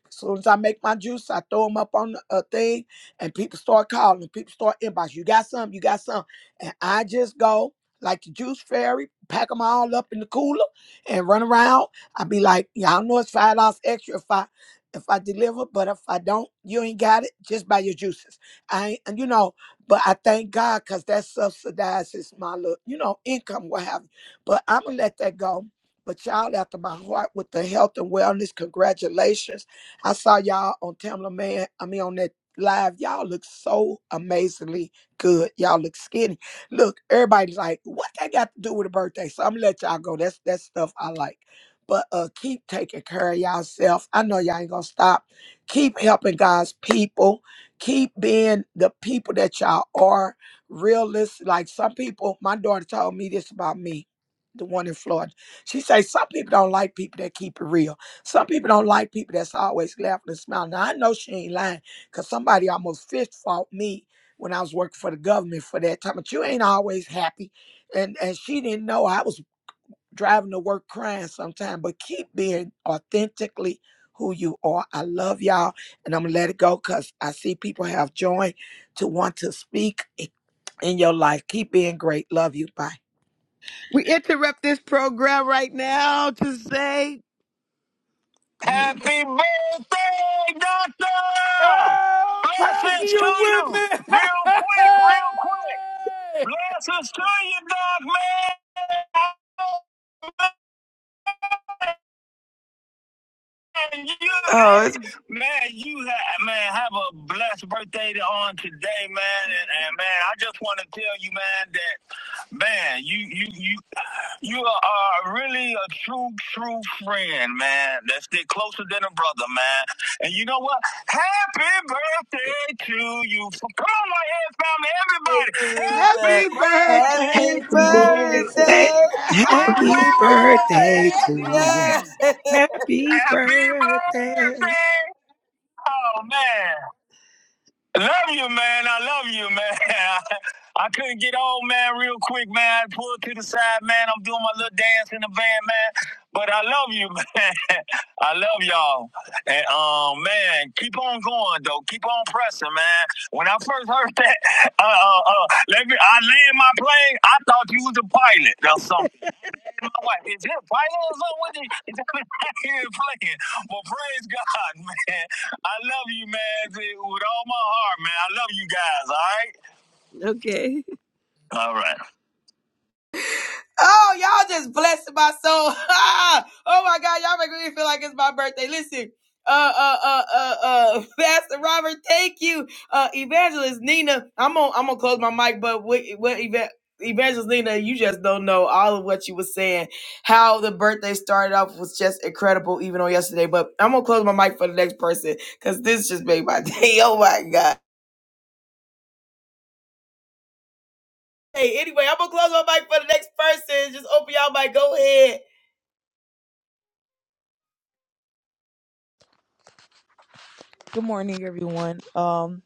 S7: As soon as I make my juice, I throw them up on a thing, and people start calling. People start inbox. You got some? You got some? and I just go like the juice fairy, pack them all up in the cooler and run around. I be like, y'all know it's five dollars extra if I if I deliver, but if I don't, you ain't got it. Just buy your juices. I ain't, and you know, but I thank God because that subsidizes my look, you know, income, what have you. But I'm gonna let that go. But y'all after my heart with the health and wellness, congratulations. I saw y'all on Tamla Man, I mean on that live. Y'all look so amazingly good. Y'all look skinny Look, everybody's like, what that got to do with a birthday? So I'm gonna let y'all go. That's that's stuff I like. But uh keep taking care of yourself. I know y'all ain't gonna stop. Keep helping God's people. Keep being the people that y'all are. Realist, like some people, my daughter told me this about me, the one in Florida. She say some people don't like people that keep it real. Some people don't like people that's always laughing and smiling. Now I know she ain't lying because somebody almost fist fought me when I was working for the government for that time. But you ain't always happy. And and she didn't know I was driving to work crying sometime. But keep being authentically who you are. I love y'all and I'm gonna let it go because I see people have joined to want to speak in your life. Keep being great. Love you. Bye.
S2: We interrupt this program right now to say Happy birthday, doctor!
S4: Oh, Pastor,
S2: Blessings to
S4: you with
S2: you!
S4: me?
S2: Real quick, real quick.
S4: Hey!
S2: Blessings to you, dog man. You,
S1: Oh.
S2: hey, man, you have man have a blessed birthday to- on today, man. And, and man, I just want to tell you, man, that man, you you you you are really a true true friend, man. That's stick closer than a brother, man. And you know what? Happy birthday to you! Come on, my head family, everybody! Happy
S1: Hallelujah.
S2: Happy
S1: Happy
S2: birthday birthday to to you! you.
S8: Yes.
S7: Thank-
S1: birthday.
S2: Happy
S7: Happy birthday to you. Happy birthday.
S2: birthday! Oh man, love you, man. I love you, man. I couldn't get on, man, real quick, man. I pulled to the side, man. I'm doing my little dance in the van, man. But I love you, man. I love y'all. And um, man, keep on going though. Keep on pressing, man. When I first heard that, uh, uh, uh let me, I land my plane. I thought you was a pilot or something. I'm like, is it vital or something? What is is that right here and playing? Well, praise God, man. I love you, man, with all my heart, man. I love you guys, all right? All right.
S1: Oh, y'all just blessed my soul. oh my God, y'all make me feel like it's my birthday. Listen. Uh, uh, uh, uh, uh, Pastor Robert, thank you. Uh, Evangelist Nina, I'm on, I'm gonna close my mic, but what, what Eva- Evangelist Nina, you just don't know all of what you were saying. How the birthday started off was just incredible, even on yesterday. But I'm gonna close my mic for the next person because this just made my day. Oh my God. Hey, anyway, I'm gonna close my mic for the next person. Just open y'all mic. Go ahead.
S9: Good morning, everyone. Um,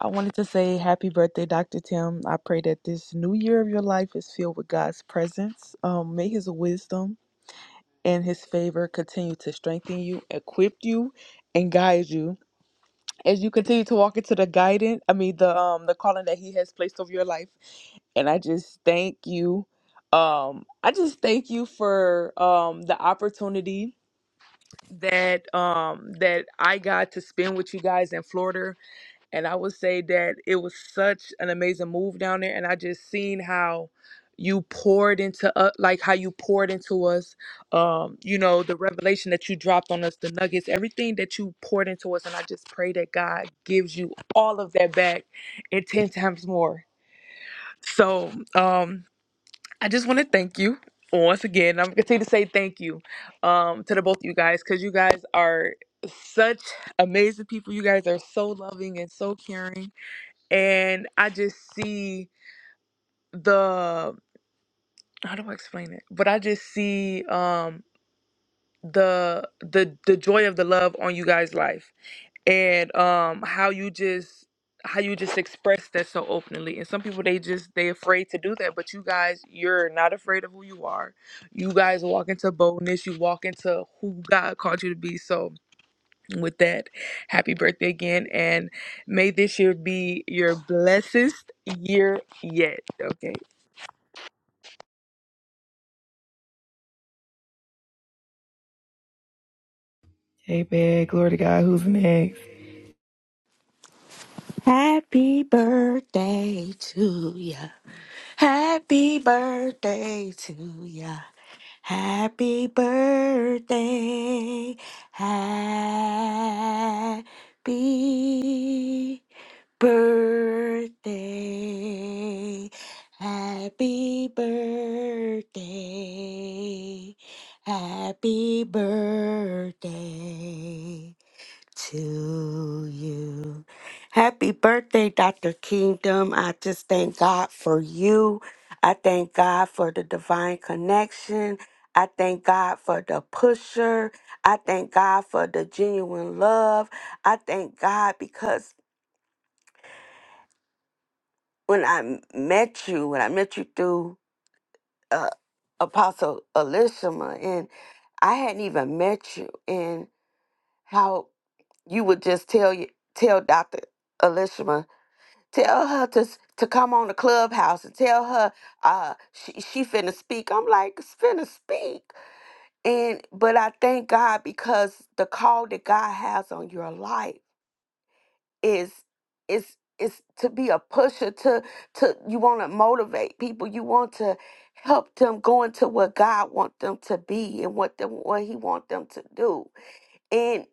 S9: I wanted to say happy birthday, Dr. Tim. I pray that this new year of your life is filled with God's presence. Um, may his wisdom and his favor continue to strengthen you, equip you, and guide you as you continue to walk into the guidance, I mean the um the calling that he has placed over your life. And I just thank you. Um, I just thank you for um the opportunity that um that I got to spend with you guys in Florida and I would say that it was such an amazing move down there. And I just seen how you poured into us, like how you poured into us, um, you know, the revelation that you dropped on us, the nuggets, everything that you poured into us. And I just pray that God gives you all of that back and 10 times more. So um, I just want to thank you once again. I'm going to continue to say thank you um, to the both of you guys because you guys are such amazing people. You guys are so loving and so caring and I just see the how do I explain it? But I just see um the the the joy of the love on you guys' life and um how you just how you just express that so openly and some people they just they afraid to do that but you guys you're not afraid of who you are you guys walk into boldness you walk into who god called you to be so with that happy birthday again and May this year be your blessed year yet. Okay.
S1: Hey, man, glory to God. Who's next?
S10: Happy birthday to ya. Happy birthday to ya. Happy birthday. Happy birthday. Happy birthday. Happy birthday to you. Happy birthday, Dr. Kingdom. I just thank God for you. I thank God for the divine connection. I thank God for the pusher. I thank God for the genuine love. I thank God because when I met you, when I met you through uh, Apostle Elishama, and I hadn't even met you, and how you would just tell you tell Dr. Elishama tell her to s- to come on the clubhouse and tell her uh she, she finna speak i'm like "It's finna speak and but i thank god because the call that god has on your life is is is to be a pusher to to you want to motivate people you want to help them go into what god want them to be and what them what he want them to do and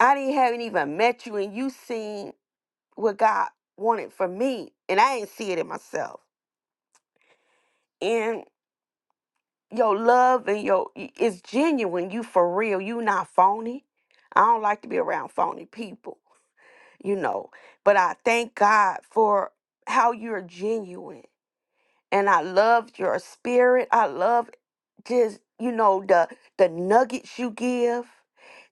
S10: i didn't haven't even met you and you seen what God wanted for me, and I ain't see it in myself. And your love and your it's genuine. You for real. You not phony. I don't like to be around phony people, you know. But I thank God for how you're genuine, and I love your spirit. I love just you know the the nuggets you give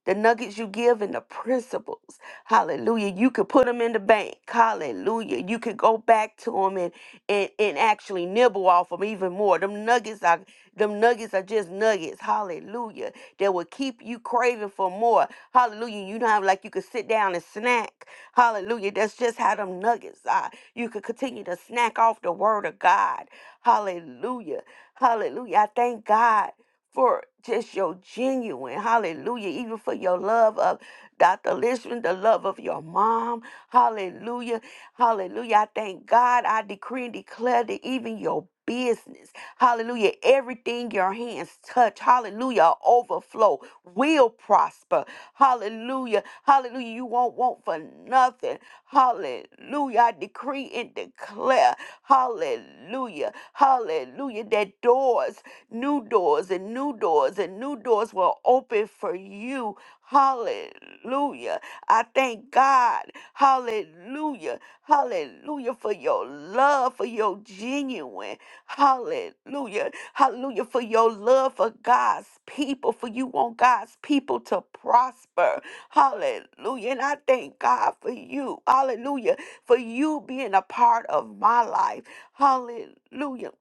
S10: the nuggets you give and the principles hallelujah you could put them in the bank hallelujah you could go back to them and and, and actually nibble off them even more them nuggets are them nuggets are just nuggets hallelujah that will keep you craving for more hallelujah you don't have like you could sit down and snack hallelujah that's just how them nuggets are you could continue to snack off the word of god hallelujah Hallelujah. I thank God for just your genuine, hallelujah, even for your love of Dr. Lishman, the love of your mom. Hallelujah. Hallelujah. I thank God. I decree and declare that even your business, hallelujah, everything your hands touch, hallelujah, overflow, will prosper. Hallelujah. Hallelujah. You won't want for nothing. Hallelujah. I decree and declare. Hallelujah. Hallelujah. That doors, new doors and new doors and new doors will open for you. Hallelujah. I thank God. Hallelujah. Hallelujah for your love, for your genuine. Hallelujah. Hallelujah for your love for God's people, for you want God's people to prosper. Hallelujah. And I thank God for you. Hallelujah for you being a part of my life. Hallelujah.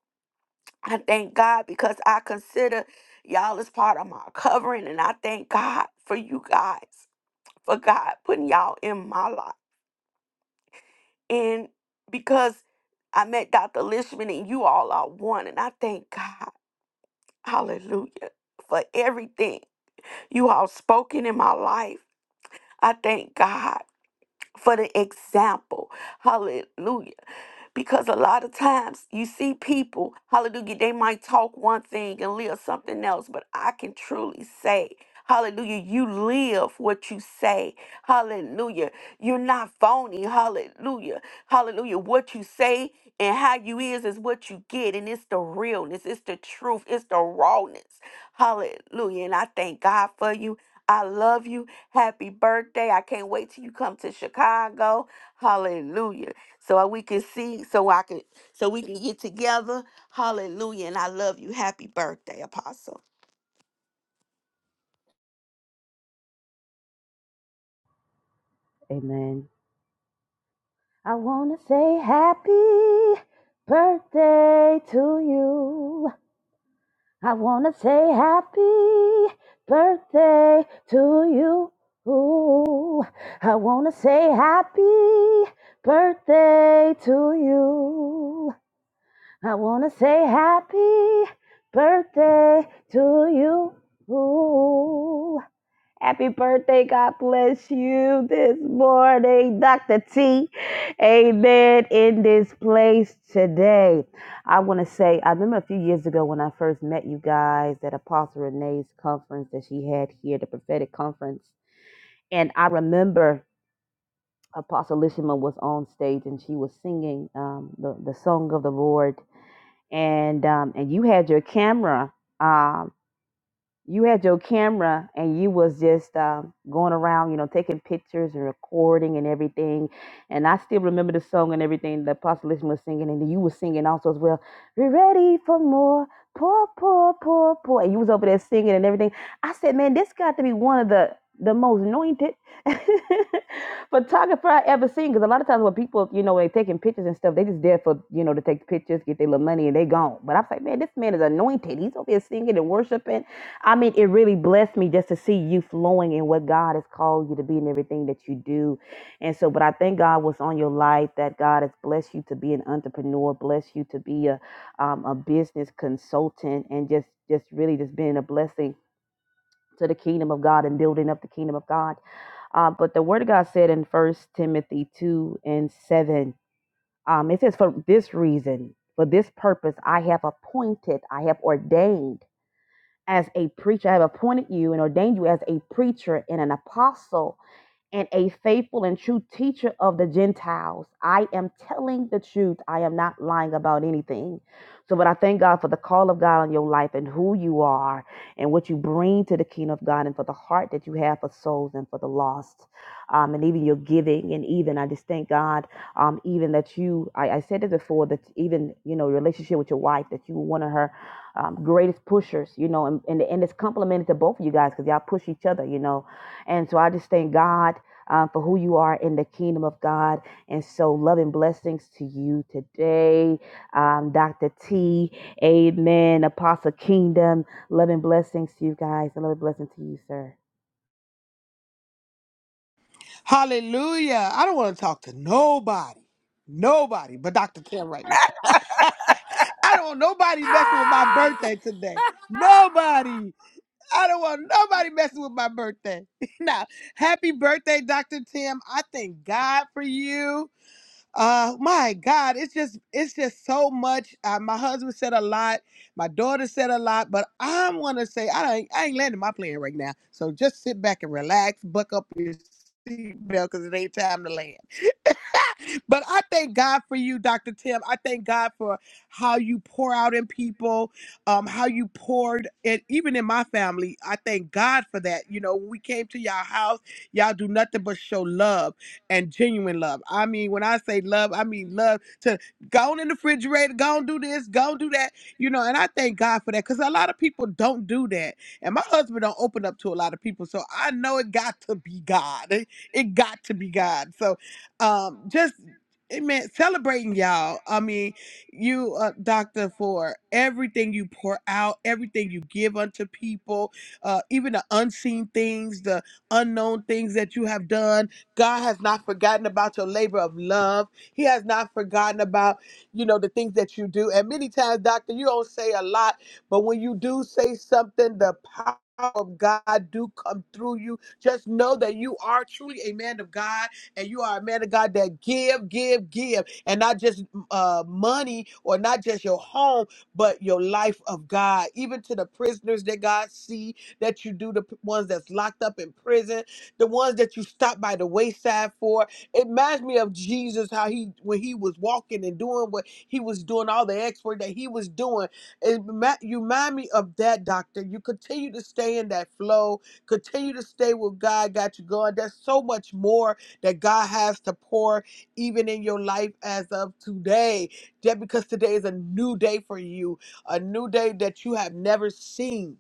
S10: I thank God because I consider y'all as part of my covering, and I thank God for you guys, for God putting y'all in my life. And because I met Dr. Lishman and you all are one, and I thank God, hallelujah, for everything you all spoken in my life. I thank God for the example, hallelujah because a lot of times you see people, hallelujah, they might talk one thing and live something else, but I can truly say, hallelujah, you live what you say. Hallelujah. You're not phony. Hallelujah. Hallelujah. What you say and how you is is what you get and it's the realness, it's the truth, it's the rawness. Hallelujah. And I thank God for you. I love you. Happy birthday. I can't wait till you come to Chicago. Hallelujah so we can see, so I can, so we can get together. Hallelujah. And I love you. Happy birthday, Apostle.
S11: Amen. I want to say happy birthday to you. I want to say happy birthday to you. I want to say happy birthday to you. I want to say happy birthday to you. Happy birthday. God bless you this morning, Dr. T. Amen. In this place today. I want to say, I remember a few years ago when I first met you guys at Apostle Renee's conference that she had here, the prophetic conference. And I remember Apostle Lishima was on stage and she was singing um, the, the song of the Lord. And, um, and you had your camera. uh, you had your camera and you was just um, going around, you know, taking pictures and recording and everything. And I still remember the song and everything that Apostle Lishman was singing, and then you was singing also as well. We're ready for more, poor, poor, poor, poor. And you was over there singing and everything. I said, man, this got to be one of the the most anointed photographer I ever seen. Because a lot of times when people, you know, they taking pictures and stuff, they just there for, you know, to take pictures, get their little money, and they gone. But I was like, man, this man is anointed. He's over here singing and worshiping I mean, it really blessed me just to see you flowing in what God has called you to be and everything that you do. And so, but I thank God was on your life that God has blessed you to be an entrepreneur, blessed you to be a um, a business consultant, and just just really just being a blessing to the kingdom of God and building up the kingdom of God. Uh, but the Word of God said in First Timothy two and seven, um, it says, "For this reason, for this purpose, I have appointed, I have ordained." as a preacher. I have appointed you and ordained you as a preacher and an apostle and a faithful and true teacher of the Gentiles. I am telling the truth. I am not lying about anything. So, but I thank God for the call of God on your life and who you are and what you bring to the kingdom of God and for the heart that you have for souls and for the lost. Um, and even your giving, and even I just thank God, um, even that you, I, I said it before, that even, you know, your relationship with your wife, that you were one of her um, greatest pushers, you know, and, and, and it's complimented to both of you guys because y'all push each other, you know. And so I just thank God uh, for who you are in the kingdom of God. And so, love and blessings to you today, um, Dr. T. Amen. Apostle Kingdom. Love and blessings to you guys, and love and blessing to you, sir.
S2: Hallelujah. I don't want to talk to nobody. Nobody but Dr. Tim right now. I don't want nobody messing with my
S4: Ah!
S2: birthday today. Nobody. I don't want nobody messing with my birthday. now, happy birthday, Dr. Tim. I thank God for you. uh my god it's just it's just so much uh, my husband said a lot my daughter said a lot but i'm gonna say i ain't i ain't landing my plane right now so just sit back and relax buck up your seatbelt because it ain't time to land but I thank God for you, Dr. Tim. I thank God for how you pour out in people, um, how you poured and even in my family. I thank God for that. You know, when we came to y'all house, y'all do nothing but show love and genuine love. I mean, when I say love, I mean love to go on in the refrigerator, go and do this, go and do that, you know, and I thank God for that because a lot of people don't do that. And my husband don't open up to a lot of people. So I know it got to be God. It got to be God. So um just it meant celebrating y'all i mean you uh, doctor for everything you pour out everything you give unto people uh even the unseen things the unknown things that you have done god has not forgotten about your labor of love he has not forgotten about you know the things that you do and many times doctor you don't say a lot but when you do say something the power of god do come through you just know that you are truly a man of god and you are a man of God that give, give, give, and not just uh, money or not just your home, but your life of God, even to the prisoners that God see that you do, the p- ones that's locked up in prison, the ones that you stop by the wayside for. It reminds me of Jesus, how he when he was walking and doing what he was doing, all the expert that he was doing. It, remi- you remind me of that, doctor. You continue to stay in that flow, continue to stay with God, got you going. There's so much more that God has to pour even in your life as of today. Just because today is a new day for you, a new day that you have never seen.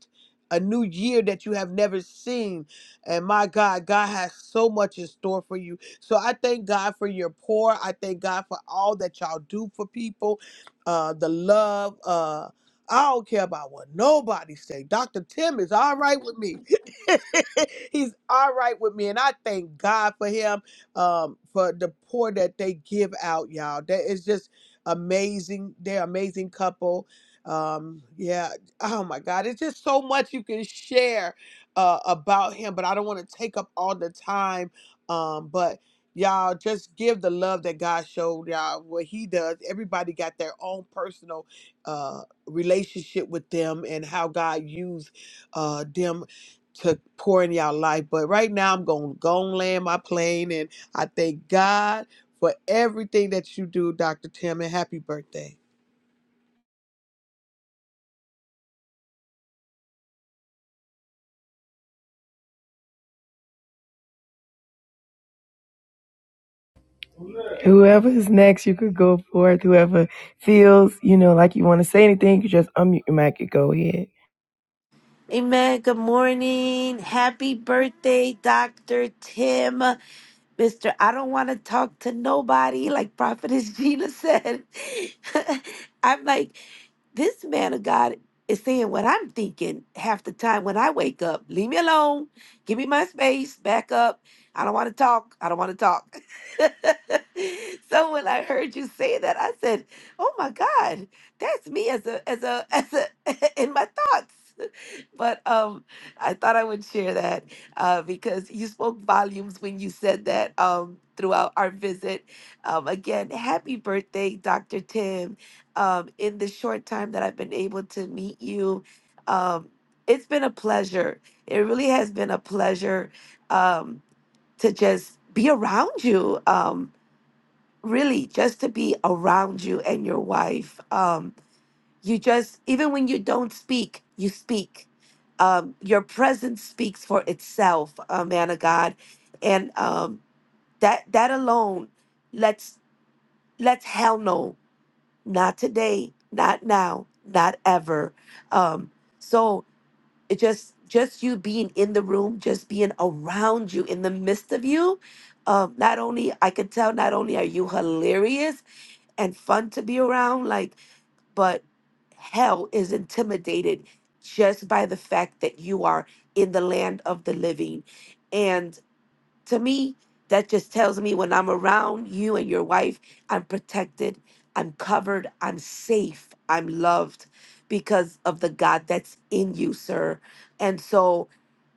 S2: A new year that you have never seen. And my God, God has so much in store for you. So I thank God for your pour. I thank God for all that y'all do for people, uh, the love. Uh, I don't care about what nobody say. Dr. Tim is all right with me. He's all right with me, and I thank God for him um, for the pour that they give out, y'all. That is just amazing. They're amazing couple. Um, yeah. Oh my God, it's just so much you can share uh, about him, but I don't want to take up all the time. Um, but y'all just give the love that God showed y'all what He does. Everybody got their own personal uh, relationship with them and how God used uh, them to pour in y'all life. But right now, I'm gonna go and land my plane and. I thank God for everything that you do, Dr. Tim, and happy birthday.
S1: Whoever is next, you could go forth. Whoever feels, you know, like you want to say anything, you just unmute your mic and go ahead.
S12: Amen. Good morning. Happy birthday, Dr. Tim. Mr. I don't want to talk to nobody, like Prophetess Gina said. I'm like, this man of God is saying what I'm thinking half the time when I wake up. Leave me alone. Give me my space. Back up. I don't want to talk. I don't want to talk. so when I heard you say that, I said, "Oh my God, that's me as a as a as a in my thoughts." But um, I thought I would share that uh, because you spoke volumes when you said that um, throughout our visit. Um, again, happy birthday, Dr. Tim. Um, in the short time that I've been able to meet you, um, it's been a pleasure. It really has been a pleasure um, to just be around you. Um, really, just to be around you and your wife. Um, you just even when you don't speak you speak um, your presence speaks for itself uh, man of god and um, that that alone let's let's hell no not today not now not ever um, so it just just you being in the room just being around you in the midst of you um, not only i could tell not only are you hilarious and fun to be around like but hell is intimidated just by the fact that you are in the land of the living. And to me, that just tells me when I'm around you and your wife, I'm protected, I'm covered, I'm safe, I'm loved because of the God that's in you, sir. And so,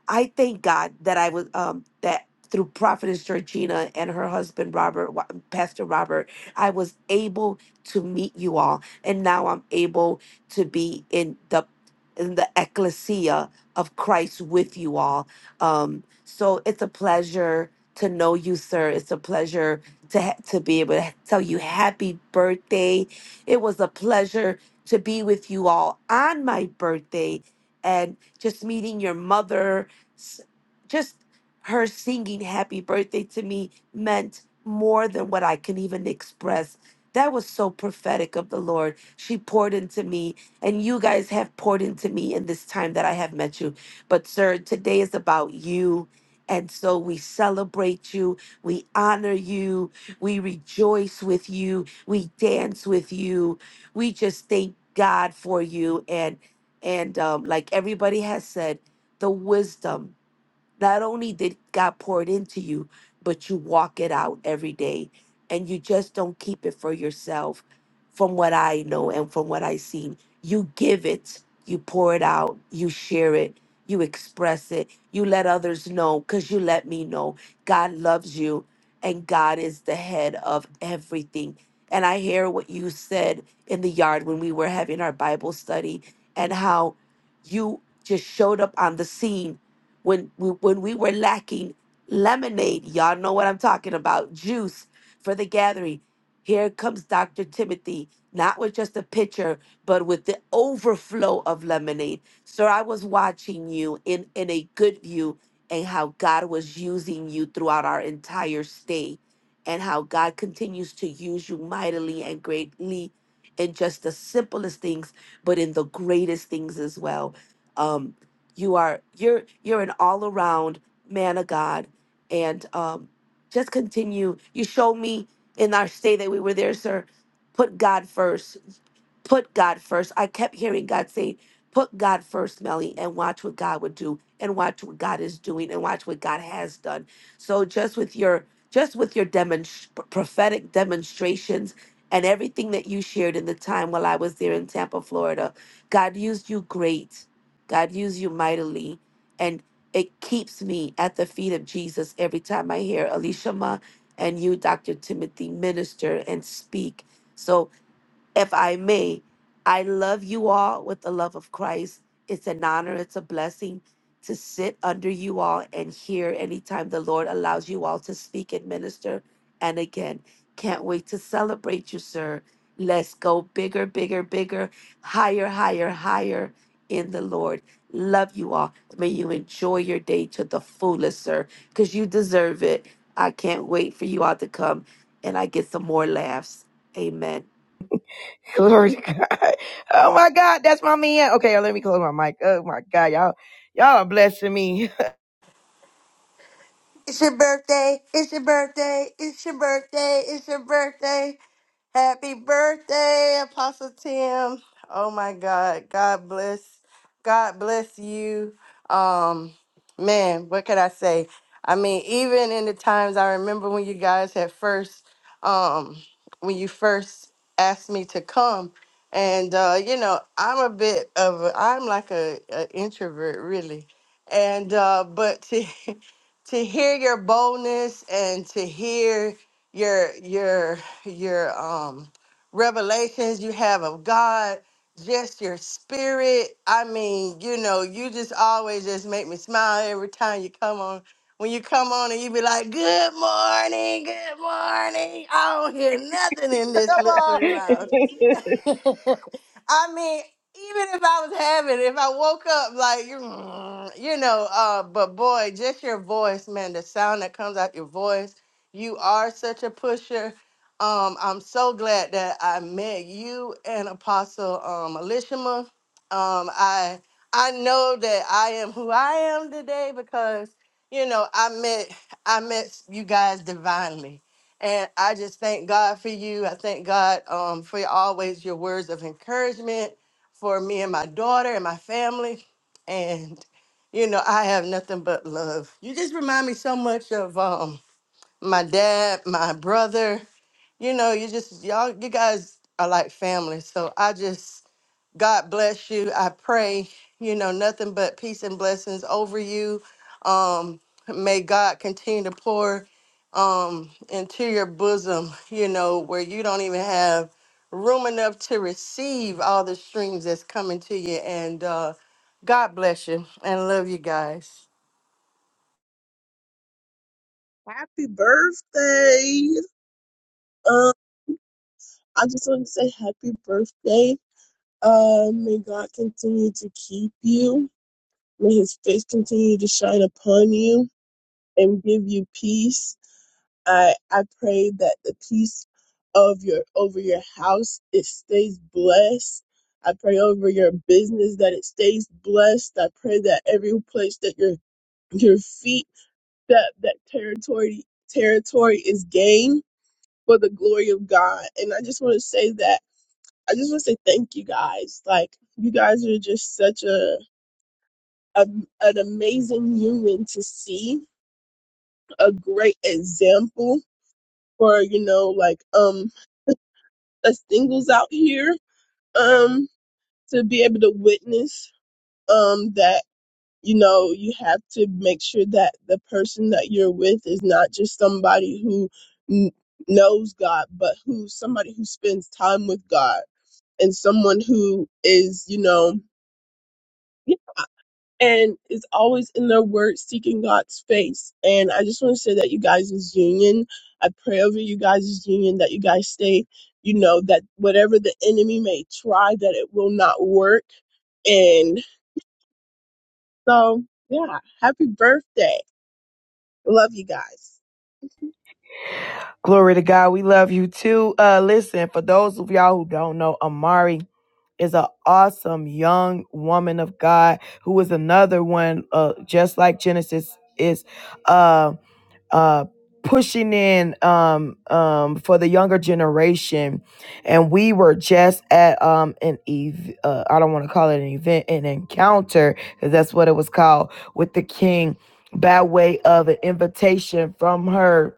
S12: I thank God that I was um that through Prophetess Georgina and her husband Robert, Wa- Pastor Robert, I was able to meet you all, and now I'm able to be in the in the ecclesia of Christ with you all. Um, so it's a pleasure to know you, sir. It's a pleasure to ha- to be able to tell you happy birthday. It was a pleasure to be with you all on my birthday, and just meeting your mother s- just her singing happy birthday to me meant more than what I can even express. That was so prophetic of the Lord. She poured into me, and you guys have poured into me in this time that I have met you. But, sir, today is about you. And so we celebrate you, we honor you, we rejoice with you, we dance with you. We just thank God for you. And and um, like everybody has said, the wisdom not only did God pour it into you, but you walk it out every day and you just don't keep it for yourself from what I know and from what I've seen. You give it, you pour it out, you share it, you express it, you let others know because you let me know God loves you and God is the head of everything. And I hear what you said in the yard when we were having our Bible study and how you just showed up on the scene when we, when we were lacking lemonade, y'all know what I'm talking about, juice for the gathering. Here comes Dr. Timothy, not with just a pitcher, but with the overflow of lemonade. Sir, I was watching you in, in a good view and how God was using you throughout our entire stay and how God continues to use you mightily and greatly in just the simplest things, but in the greatest things as well. Um you are you're you're an all around man of God, and um, just continue. You showed me in our stay that we were there, sir. Put God first. Put God first. I kept hearing God say, "Put God first, Melly, and watch what God would do, and watch what God is doing, and watch what God has done." So just with your just with your demonst- prophetic demonstrations and everything that you shared in the time while I was there in Tampa, Florida, God used you great God, use you mightily. And it keeps me at the feet of Jesus every time I hear Alicia Ma and you, Dr. Timothy, minister and speak. So if I may, I love you all with the love of Christ. It's an honor, it's a blessing to sit under you all and hear anytime the Lord allows you all to speak and minister. And again, can't wait to celebrate you, sir. Let's go bigger, bigger, bigger, higher, higher, higher in the Lord. Love you all. May you enjoy your day to the fullest, sir, because you deserve it. I can't wait for you all to come and I get some more laughs. Amen.
S1: Glory to God. Oh my God, that's my man. Okay, let me close my mic. Oh my God, y'all, y'all are blessing me.
S8: It's your birthday. It's your birthday. It's your birthday. It's your birthday. Happy birthday, Apostle Tim. Oh my God. God bless. God bless you. Um, man, what could I say? I mean, even in the times I remember when you guys had first um when you first asked me to come. And uh, you know, I'm a bit of a, I'm like a, a introvert really. And uh, but to to hear your boldness and to hear your your your um revelations you have of God, just your spirit. I mean, you know, you just always just make me smile every time you come on. When you come on and you be like, "Good morning, good morning," I don't hear nothing in this
S2: Come on.
S8: luxury lounge. I mean, even if I was having, if I woke up like you, you know, uh, but boy, just your voice, man, the sound that comes out your voice, you are such a pusher. Um, I'm so glad that I met you and Apostle um, Elishama. Um, I I know that I am who I am today because you know I met I met you guys divinely and I just thank God for you. I thank God um, for always your words of encouragement for me and my daughter and my family. And, you know, I have nothing but love. You just remind me so much of um, my dad, my brother you know, you just y'all you guys are like family. So I just God bless you. I pray, you know, nothing but peace and blessings over you. Um may God continue to pour um into your bosom, you know, where you don't even have room enough to receive all the streams that's coming to you and uh God bless you and love you guys.
S13: Happy birthday. Um, I just want to say happy birthday. Um, may God continue to keep you. May his face continue to shine upon you and give you peace. I I pray that the peace of your over your house it stays blessed. I pray over your business that it stays blessed. I pray that every place that your your feet step, that territory territory is gained for the glory of God. And I just want to say that I just want to say thank you guys. Like you guys are just such a, a an amazing human to see, a great example for you know like um the singles out here um to be able to witness um that you know you have to make sure that the person that you're with is not just somebody who n- knows God but who's somebody who spends time with God and someone who is, you know, and is always in their word seeking God's face. And I just want to say that you guys is union. I pray over you guys is union that you guys stay, you know, that whatever the enemy may try, that it will not work. And so, yeah, happy birthday. Love you guys.
S1: Glory to God. We love you too. Uh, listen, for those of y'all who don't know, Amari is an awesome young woman of God who is another one, uh, just like Genesis is, uh, uh, pushing in um um for the younger generation and we were just at um an ev uh, i don't want to call it an event an encounter because that's what it was called with the king by way of an invitation from her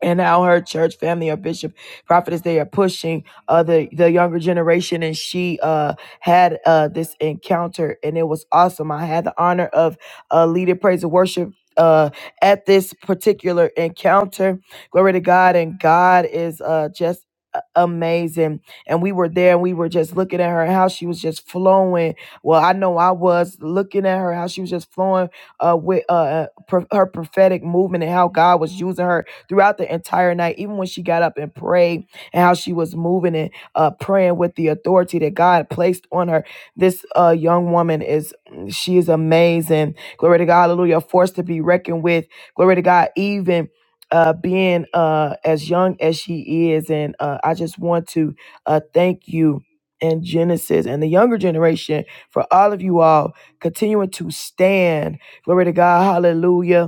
S1: and how her church family or bishop prophetess they are pushing uh the the younger generation and she uh had uh this encounter and it was awesome i had the honor of uh leading praise and worship uh at this particular encounter glory to god and god is uh just a- amazing and we were there and we were just looking at her how she was just flowing well i know i was looking at her how she was just flowing uh with uh pro- her prophetic movement and how god was using her throughout the entire night, even when she got up and prayed and how she was moving and uh, praying with the authority that God placed on her. This uh, young woman is, she is amazing. Glory to God. Hallelujah. A force to be reckoned with. Glory to God. Even uh, being uh, as young as she is. And uh, I just want to uh, thank you and Genesis and the younger generation for all of you all continuing to stand. Glory to God. Hallelujah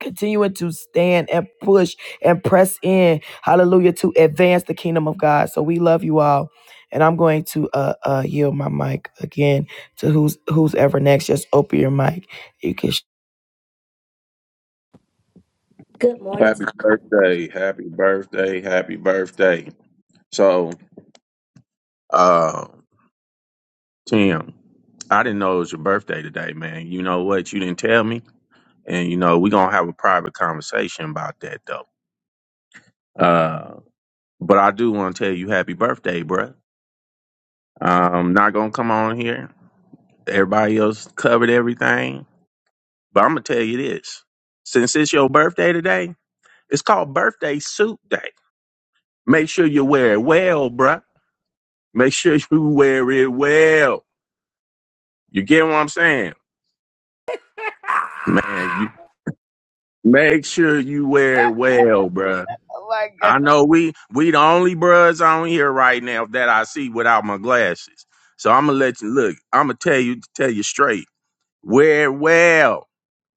S1: continuing to stand and push and press in hallelujah to advance the kingdom of god so we love you all and i'm going to uh uh yield my mic again to who's who's ever next just open your mic you can sh-
S14: Good morning.
S15: Happy birthday. Happy birthday. Happy birthday. So, uh, Tim, I didn't know it was your birthday today, man. You know what? You didn't tell me. And, you know, we're going to have a private conversation about that, though. Uh, but I do want to tell you happy birthday, bruh. I'm not going to come on here. Everybody else covered everything. But I'm going to tell you this since it's your birthday today, it's called Birthday Suit Day. Make sure you wear it well, bruh. Make sure you wear it well. You get what I'm saying, man? You
S4: Ah!
S15: make sure you wear it well, bruh.
S1: Oh my God.
S15: I know we we the only bruhs on here right now that I see without my glasses. So I'm gonna let you look. I'm gonna tell you tell you straight. Wear it well.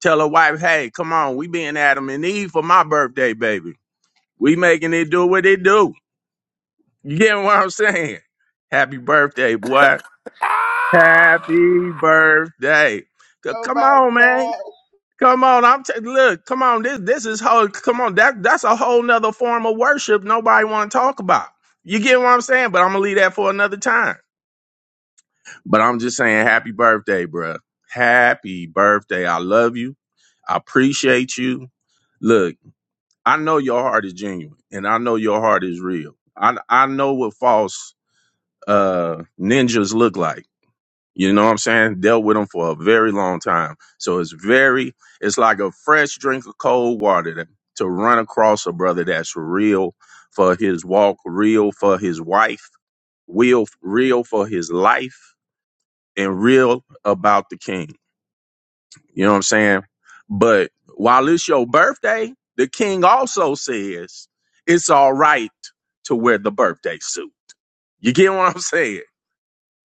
S15: Tell a wife, hey, come on, we being Adam and Eve for my birthday, baby. We making it do what it do. You get what I'm saying? Happy birthday, boy.
S4: Ah!
S15: Happy birthday. C-
S1: Oh
S15: Come
S1: my
S15: on, man.
S1: God.
S15: Come on, I'm t- look. Come on, this this is whole. Come on, that that's a whole nother form of worship. Nobody want to talk about. You get what I'm saying? But I'm gonna leave that for another time. But I'm just saying, happy birthday, bruh. Happy birthday. I love you. I appreciate you. Look, I know your heart is genuine, and I know your heart is real. I I know what false uh ninjas look like. You know what I'm saying? Dealt with them for a very long time. So it's very, it's like a fresh drink of cold water to, to run across a brother that's real for his walk, real for his wife, real, real for his life, and real about the king. You know what I'm saying? But while it's your birthday, the king also says it's all right to wear the birthday suit. You get what I'm saying?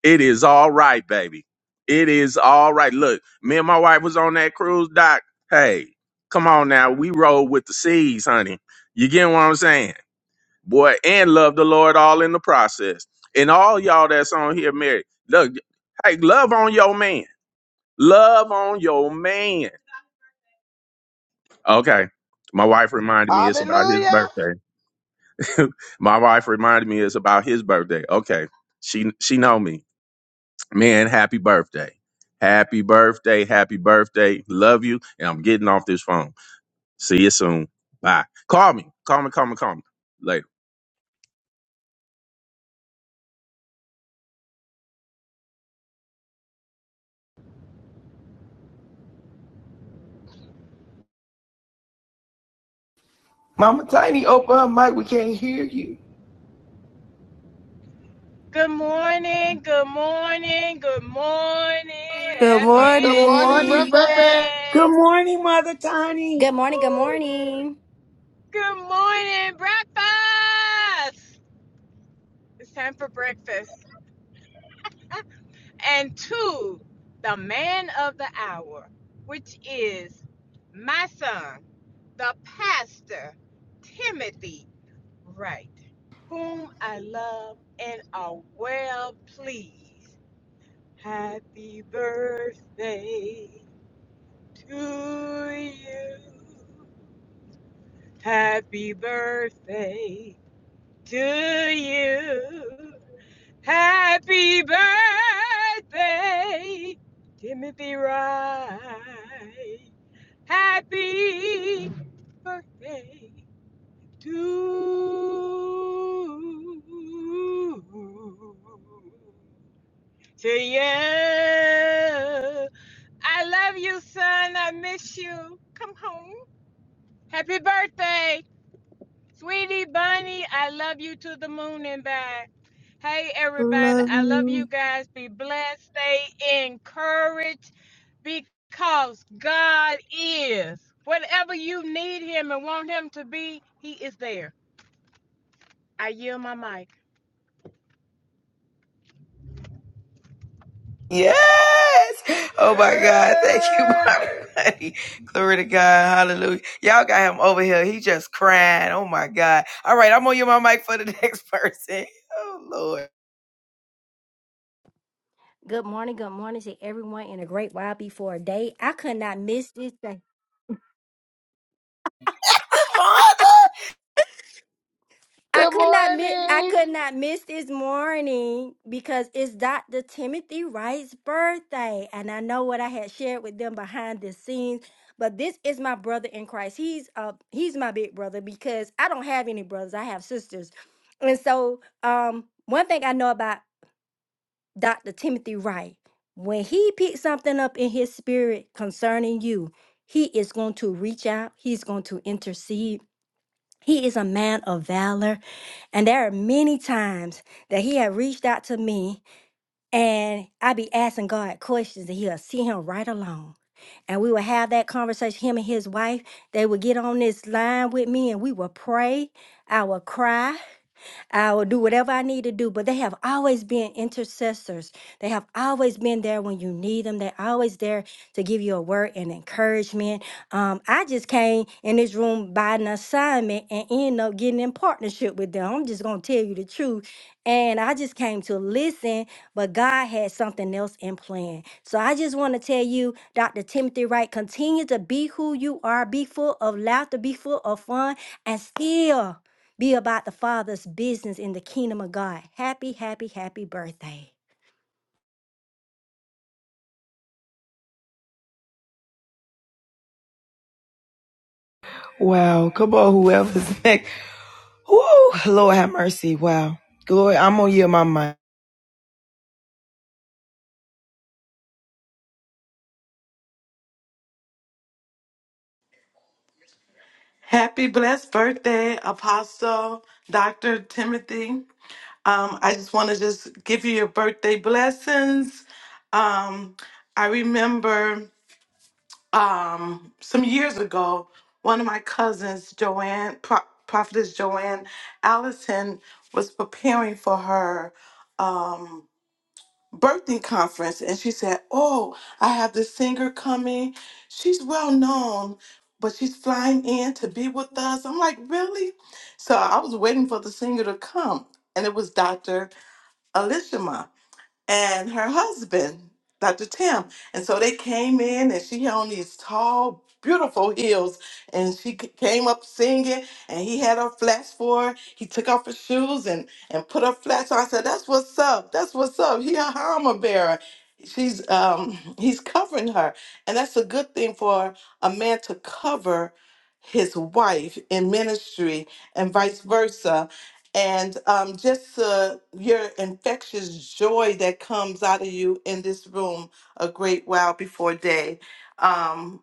S15: It is all right, baby. It is all right. Look, me and my wife was on that cruise, Doc. Hey, come on now. We rode with the seas, honey. You get what I'm saying? Boy, and love the Lord all in the process. And all y'all that's on here, married, look, hey, love on your man. Love on your man. Okay. My wife reminded
S2: Ah,
S15: me it's about his birthday. my wife reminded me it's about his birthday. Okay. She she know me. Man, happy birthday. Happy birthday. Happy birthday. Love you. And I'm getting off this phone. See you soon. Bye. Call me. Call me. Call me. Call me. Later.
S1: Mama Tiny, open her mic. We can't hear you.
S16: Good morning, good morning, good morning.
S6: Good Good
S2: Good
S16: Happy
S6: morning,
S2: morning,
S6: morning.
S2: Burbank.
S6: breakfast.
S7: Good
S16: Tuesday.
S7: morning, Mother Tiny.
S14: Good morning. Good
S16: Woo.
S14: morning.
S16: Good morning, breakfast. It's time for breakfast. And to the man of the hour, which is my son, the pastor, Timothy Wright, whom I love and are well pleased. Happy birthday. to you. Happy birthday to you. Happy birthday, Timothy Wright. Happy birthday to to you. I love you, son. I miss you. Come home. Happy birthday. Sweetie Bunny, I love you to the moon and back. Hey, everybody,
S1: Love
S16: I love you
S1: you.
S16: guys. Be blessed, stay encouraged because God is. Whatever you need Him and want Him to be, He is there. I yield my mic.
S1: Yes. Oh my God. Thank you, Mommy. Clearly. Y'all God. All right, I'm on
S14: Good morning. Good morning to everyone in a great while before a day. I could not miss this day. I could not miss I could not miss this morning because it's Dr. Timothy Wright's birthday. And I know what I had shared with them behind the scenes. But this is my brother in Christ. He's uh he's my big brother because I don't have any brothers. I have sisters. And so um one thing I know about Dr. Timothy Wright, when he picks something up in his spirit concerning you, he is going to reach out, he's going to intercede. He is a man of valor. And there are many times that he had reached out to me and i be asking God questions and he'll see him right along. And we would have that conversation, him and his wife. They would get on this line with me and we would pray. I would cry. I will do whatever I need to do. But they have always been intercessors. They have always been there when you need them. They're always there to give you a word and encouragement. Um, I just came in this room by an assignment and end up getting in partnership with them. I'm just gonna tell you the truth. And I just came to listen, but God had something else in plan. So I just want to tell you, Dr. Timothy Wright, continue to be who you are, be full of laughter, be full of fun, and still. Be about the Father's business in the kingdom of God. Happy, happy, happy birthday.
S1: Wow. Come on, whoever's next. Woo! Lord have mercy. Wow. Glory. I'm gonna you, my mind.
S17: Happy blessed birthday, Apostle Dr. Timothy. Um, I just want to just give you your birthday blessings. Um, I remember um, some years ago, one of my cousins, Joanne, Pro- Prophetess Joanne Allison, was preparing for her. Um, Birthing conference and she said, Oh, I have this singer coming. She's well known, but she's flying in to be with us. I'm like, Really? So I was waiting for the singer to come, and it was Dr. Elishama and her husband, Dr. Tim. And so they came in, and she had on these tall, beautiful heels, and she c- came up singing, and he had her flats for her. He took off her shoes and and put her flats on. I said, "That's what's up. That's what's up." He a armor bearer. She's um he's covering her, and that's a good thing for a man to cover his wife in ministry and vice versa and um, just uh, your infectious joy that comes out of you in this room a great while before day. Um,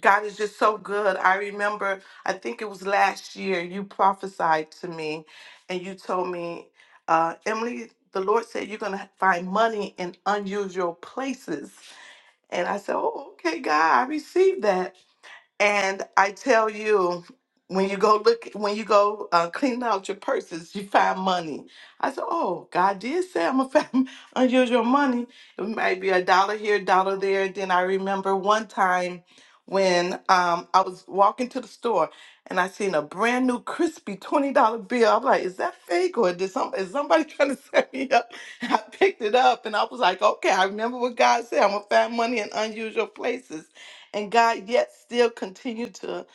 S17: God is just so good. I remember, I think it was last year, you prophesied to me and you told me, uh, Emily, the Lord said you're going to find money in unusual places. And I said, Oh, okay, God, I received that. And I tell you, when you go look, when you go uh, clean out your purses, you find money. I said, "Oh, God did say I'm gonna find unusual money. It might be a dollar here, dollar there." And then I remember one time when um, I was walking to the store and I seen a brand new crispy twenty dollar bill. I'm like, "Is that fake or did some is somebody trying to set me up?" And I picked it up and I was like, "Okay, I remember what God said. I'm gonna find money in unusual places." and God yet still continued to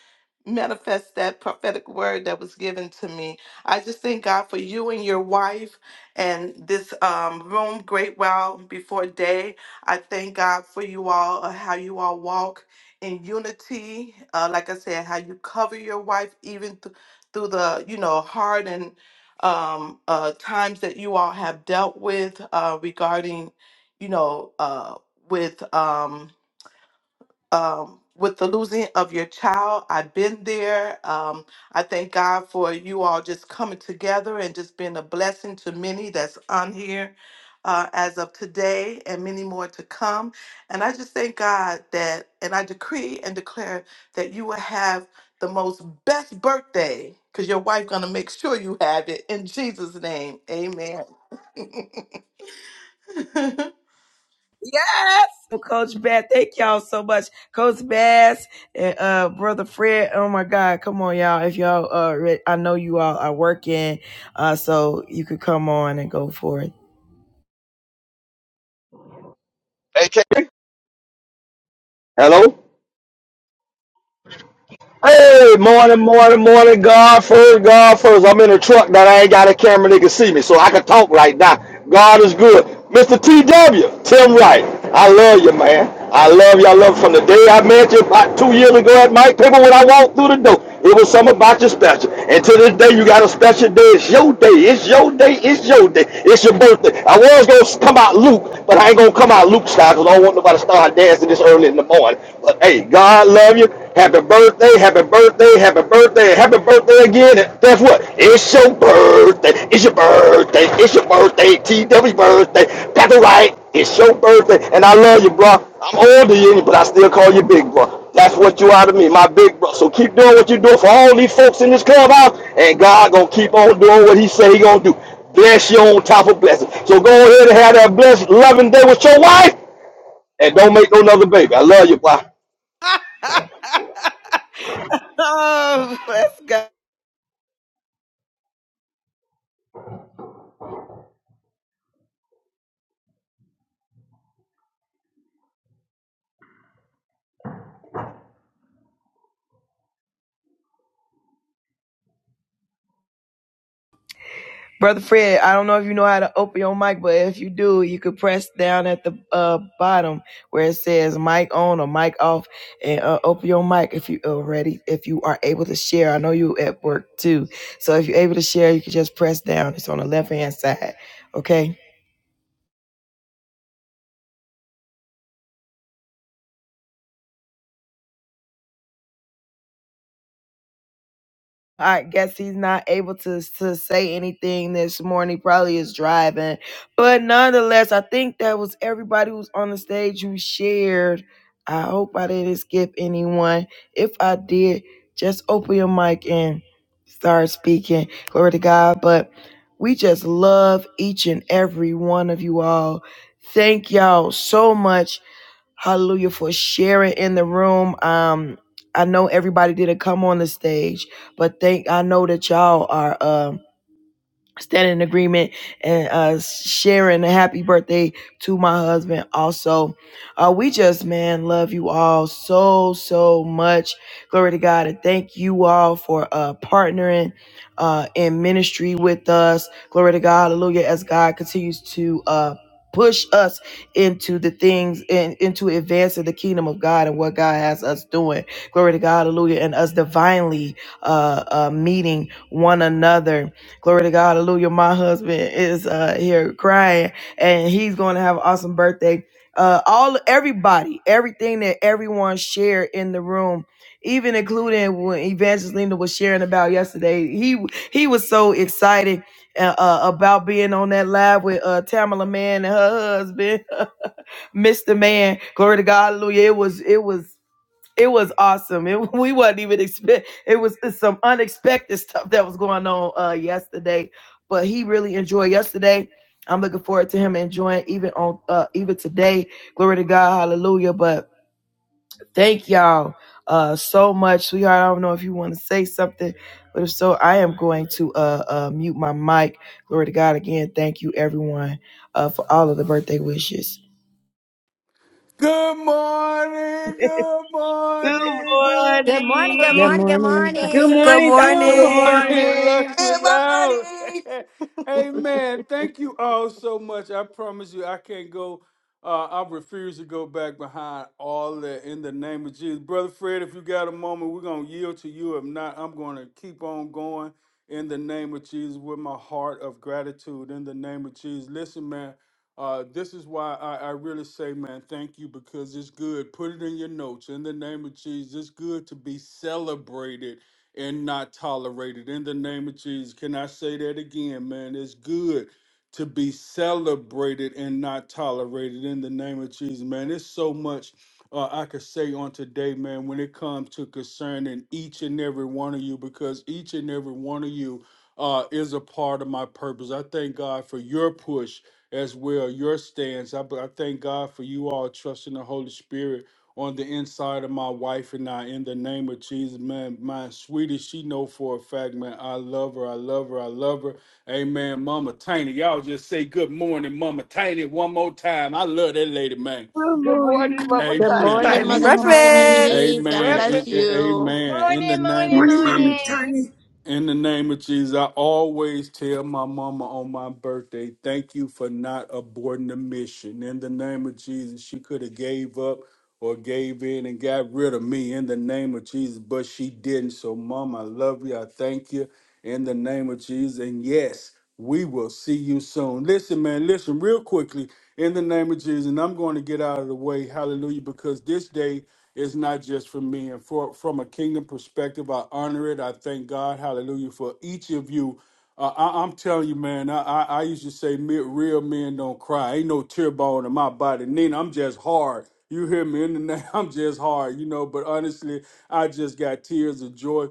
S17: manifest that prophetic word that was given to me. I just thank God for you and your wife and this um, room, Great Wow Before Day. I thank God for you all, uh, how you all walk in unity. Uh, like I said, how you cover your wife even th- through the, you know, hard and um, uh, times that you all have dealt with uh, regarding, you know, uh, with. Um, um, with the losing of your child. I've been there. Um, I thank God for you all just coming together and just being a blessing to many that's on here uh, as of today and many more to come. And I just thank God that, and I decree and declare that you will have the most best birthday because your wife gonna make sure you have it in jesus name amen
S1: Yes. Coach Bass, thank y'all so much. Coach Bass and uh, Brother Fred. Oh my God. Come on, y'all. If y'all uh re- I know you all are working, uh, so you could come on and go for it.
S18: Hey, can, Hello? Hey, morning, morning, morning, God first, God first. I'm in a truck that I ain't got a camera that can see me, so I can talk right now. God is good. Mr. TW, Tim Wright, I love you, man. I love you. I love you from the day I met you about two years ago at Mike Paper when I walked through the door. It was something about your special. And to this day, you got a special day. It's your day. It's your day. It's your day. It's your birthday. I was going to come out Luke, but I ain't going to come out Luke style because I don't want nobody to start dancing this early in the morning. But hey, God love you. Happy birthday. Happy birthday. Happy birthday. Happy birthday again. And guess what? It's your birthday. It's your birthday. It's your birthday. TW birthday. Pappy White. It's your birthday. And I love you, bro. I'm older than you, but I still call you big, bro. That's what you are to me, my big bro. So keep doing what you do for all these folks in this clubhouse, and God gonna keep on doing what He say He gonna do. Bless you on top of blessing. So go ahead and have that blessed, loving day with your wife, and don't make no another baby. I love you, bye.
S1: oh, let's go. Brother Fred, I don't know if you know how to open your mic, but if you do, you could press down at the uh, bottom where it says mic on or mic off and uh, open your mic if you are ready, if you are able to share. I know you at work too. So if you're able to share, you can just press down. It's on the left hand side. Okay. I guess he's not able to, to say anything this morning. He probably is driving. But nonetheless, I think that was everybody who's on the stage who shared. I hope I didn't skip anyone. If I did, just open your mic and start speaking. Glory to God. But we just love each and every one of you all. Thank y'all so much Hallelujah for sharing in the room. Um, I know everybody didn't come on the stage, but thank I know that y'all are. um stand in agreement and uh sharing a happy birthday to my husband also uh we just man love you all so so much glory to god and thank you all for uh partnering uh in ministry with us glory to god hallelujah as god continues to uh push us into the things and into advancing the kingdom of god and what god has us doing glory to god hallelujah and us divinely uh, uh meeting one another Glory to God, hallelujah. My husband is uh here crying and he's gonna have an awesome birthday. Uh all everybody, everything that everyone shared in the room, even including when Evangelina was sharing about yesterday, he he was so excited uh, uh, about being on that live with uh Tamala Man and her husband, Mr. Man. Glory to God, hallelujah. It was it was it was awesome. It, we wasn't even expect. It was some unexpected stuff that was going on uh, yesterday, but he really enjoyed yesterday. I'm looking forward to him enjoying even on uh, even today. Glory to God, Hallelujah! But thank y'all uh, so much, sweetheart. I don't know if you want to say something, but if so, I am going to uh, uh, mute my mic. Glory to God again. Thank you, everyone, uh, for all of the birthday wishes.
S4: Good morning, good
S1: Good
S4: morning, good
S14: Good morning, good
S11: Good
S1: morning.
S14: morning, good
S11: morning.
S7: Good
S4: morning.
S6: Good Good
S14: morning.
S7: morning, Dr.
S4: Good
S6: morning.
S7: Tim.
S4: morning,
S6: morning.
S4: Luxury
S8: Good
S4: Loud.
S8: morning.
S4: Amen. Thank you all so much. I promise you, I can't go. Uh, I refuse to go back behind all that in the name of Jesus. Brother Fred, if you got a moment, we're going to yield to you. If not, I'm going to keep on going in the name of Jesus with my heart of gratitude in the name of Jesus. Listen, man. Uh, this is why I, I really say, man, thank you because it's good. Put it in your notes. In the name of Jesus, it's good to be celebrated and not tolerated. In the name of Jesus, can I say that again, man? It's good to be celebrated and not tolerated. In the name of Jesus, man, it's so much. Uh, I could say on today, man, when it comes to concerning each and every one of you, because each and every one of you uh, is a part of my purpose. I thank God for your push as well your stance. I, I thank God for you all trusting the Holy Spirit on the inside of my wife and I. In the name of Jesus, man, my sweetie, she know for a fact, man, I love her, I love her, I love her. Amen, Mama Tiny. Y'all just say good morning, Mama Tiny, one more time. I love that lady, man.
S2: Good morning, Mama
S12: Good
S2: Titan.
S4: Amen.
S12: morning,
S11: Good
S6: Happy
S12: Mother
S11: morning, Mama Johnny.
S6: Breakfast.
S12: Tiny. God
S4: Amen.
S6: breakfast.
S4: A-
S12: bless
S4: a-
S12: you.
S4: Amen. In the
S16: Morning,
S4: name
S16: morning,
S4: of
S7: Morning, Mama
S4: Jesus.
S16: morning.
S7: Tony.
S4: In the name of Jesus, I always tell my mama on my birthday, thank you for not aborting the mission. In the name of Jesus, she could have gave up or gave in and got rid of me in the name of Jesus, but she didn't. So, mom, I love you. I thank you in the name of Jesus. And yes, we will see you soon. Listen, man, listen real quickly in the name of Jesus. And I'm going to get out of the way. Hallelujah. Because this day it's not just for me. And for from a kingdom perspective, I honor it. I thank God, hallelujah, for each of you. Uh, I, I'm telling you, man, I, I, I used to say me, real men don't cry. Ain't no tear bone in my body. Nina, I'm just hard. You hear me in the name? I'm just hard, you know. But honestly, I just got tears of joy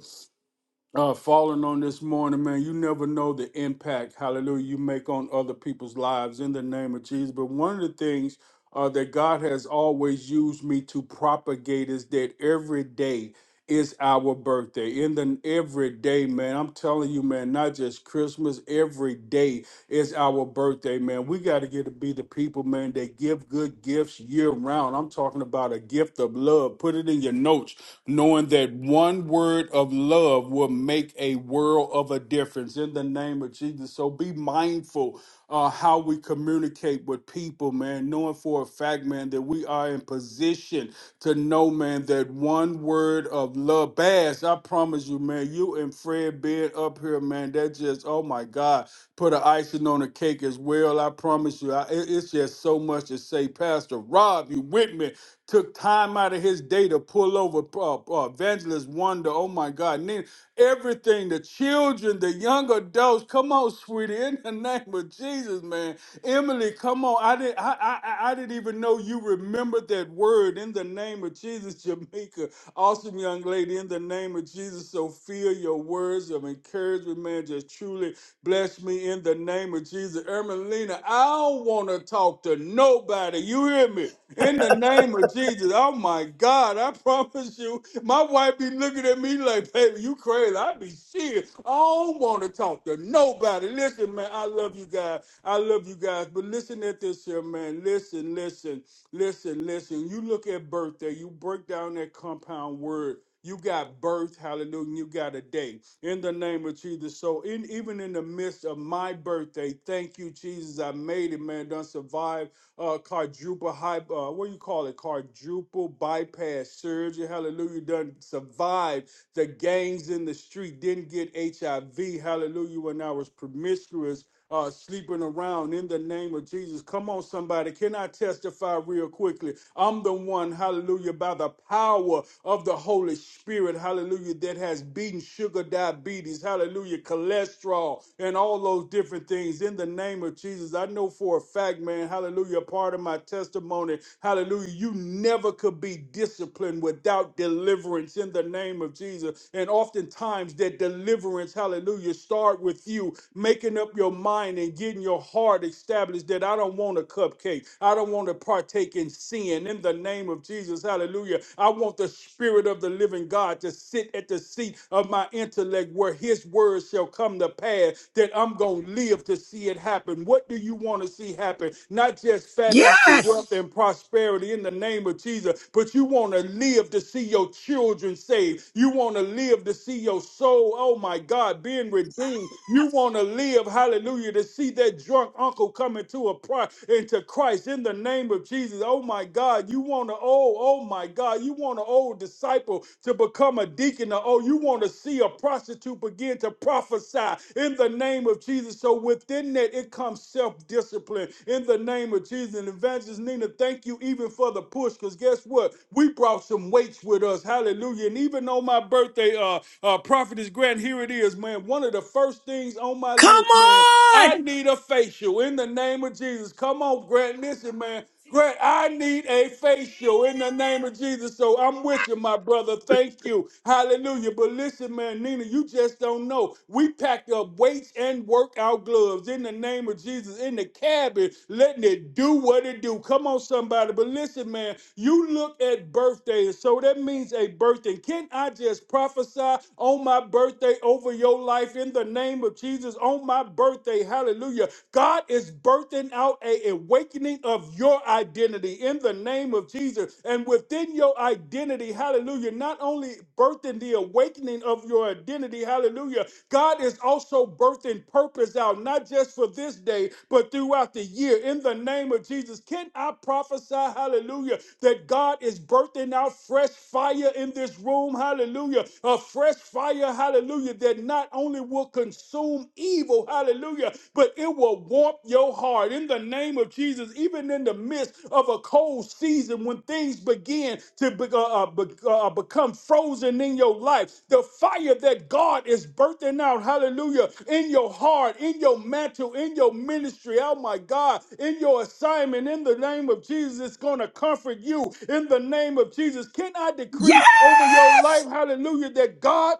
S4: uh, falling on this morning, man. You never know the impact, hallelujah, you make on other people's lives in the name of Jesus. But one of the things uh, that God has always used me to propagate is that every day is our birthday. In the every day, man, I'm telling you, man, not just Christmas, every day it's our birthday, man. We got to get to be the people, man, that give good gifts year round. I'm talking about a gift of love. Put it in your notes, knowing that one word of love will make a world of a difference in the name of Jesus. So be mindful uh, how we communicate with people, man, knowing for a fact, man, that we are in position to know, man, that one word of love. Bass, I promise you, man, you and Fred being up here, man, that just, oh my God put an icing on the cake as well. I promise you, I, it- it's just so much to say. Pastor Rob, you with me? Took time out of his day to pull over uh, uh, Evangelist Wonder. Oh my God! And then everything, the children, the young adults. Come on, sweetie, in the name of Jesus, man. Emily, come on. I didn't. I, I I I didn't even know you remembered that word. In the name of Jesus, Jamaica. Awesome young lady. In the name of Jesus, Sophia, your words of encouragement, man, just truly Bless me in the name of Jesus. Ermelina, I don't want to talk to nobody. You hear me? In the name of Jesus. Oh my God, I promise you. My wife be looking at me like, baby, you crazy. I be serious. I don't want to talk to nobody. Listen, man, I love you guys. I love you guys. But listen at this here, man. Listen, listen. Listen, listen. You look at birthday, you break down that compound word. You got birth, hallelujah, and you got a day. In the name of Jesus. So in even in the midst of my birthday, thank you, Jesus. I made it, man. Done survived uh quadruple high uh what do you call it? Quadruple bypass surgery. Hallelujah. Done survived the gangs in the street. Didn't get HIV. Hallelujah. When I was promiscuous uh, sleeping around in the name of Jesus. Come on, somebody. Can I testify real quickly? I'm the one, hallelujah, by the power of the Holy Spirit, hallelujah, that has beaten sugar diabetes, hallelujah, cholesterol, and all those different things in the name of Jesus. I know for a fact, man, hallelujah, part of my testimony, hallelujah, you never could be disciplined without deliverance in the name of Jesus. And oftentimes that deliverance, hallelujah, start with you making making up your mind and getting your heart established that I don't want a cupcake. I don't want to partake in sin. In the name of Jesus, hallelujah. I want the Spirit of the living God to sit at the seat of my intellect where His words shall come to pass, that I'm going to live to see it happen. What do you want to see happen? Not just financial
S7: Yes.
S4: wealth and prosperity in the name of Jesus, but you want to live to see your children saved. You want to live to see your soul, oh my God, being redeemed. You you want to live, hallelujah, to see that drunk uncle coming to a pri- into Christ in the name of Jesus. Oh my God, you want to, oh, oh my God, you want an old disciple to become a deacon. Or, oh, you want to see a prostitute begin to prophesy in the name of Jesus. So within that, it comes self-discipline in the name of Jesus. And Evangelist Nina, thank you even for the push, because guess what? We brought some weights with us. Hallelujah. And even on my birthday, uh, uh, Prophetess Grant, here it is, man. One of the the first things on my
S7: Come
S4: list, man.
S7: on.
S4: I need a facial in the name of Jesus. Come on, Grant. Listen, man. Grant, I need a facial in the name of Jesus. So I'm with you, my brother. Thank you. Hallelujah. But listen, man, Nina, you just don't know. We packed up weights and workout gloves in the name of Jesus in the cabin, letting it do what it do. Come on, somebody. But listen, man, you look at birthdays. So that means a birthday. Can I just prophesy on my birthday over? your life in the name of Jesus on my birthday. Hallelujah. God is birthing out a awakening of your identity in the name of Jesus. And within your identity, hallelujah, not only birthing the awakening of your identity, hallelujah, God is also birthing purpose out, not just for this day, but throughout the year. In the name of Jesus, can I prophesy, hallelujah, that God is birthing out fresh fire in this room, hallelujah, a fresh fire, hallelujah hallelujah, that not only will consume evil, hallelujah, but it will warm your heart in the name of Jesus, even in the midst of a cold season when things begin to be- uh, uh, be- uh, uh, become frozen in your life. The fire that God is birthing out, hallelujah, in your heart, in your mantle, in your ministry, oh my God, in your assignment, in the name of Jesus, it's going to comfort you in the name of Jesus. Can I decree
S7: Yes.
S4: over your life, hallelujah, that God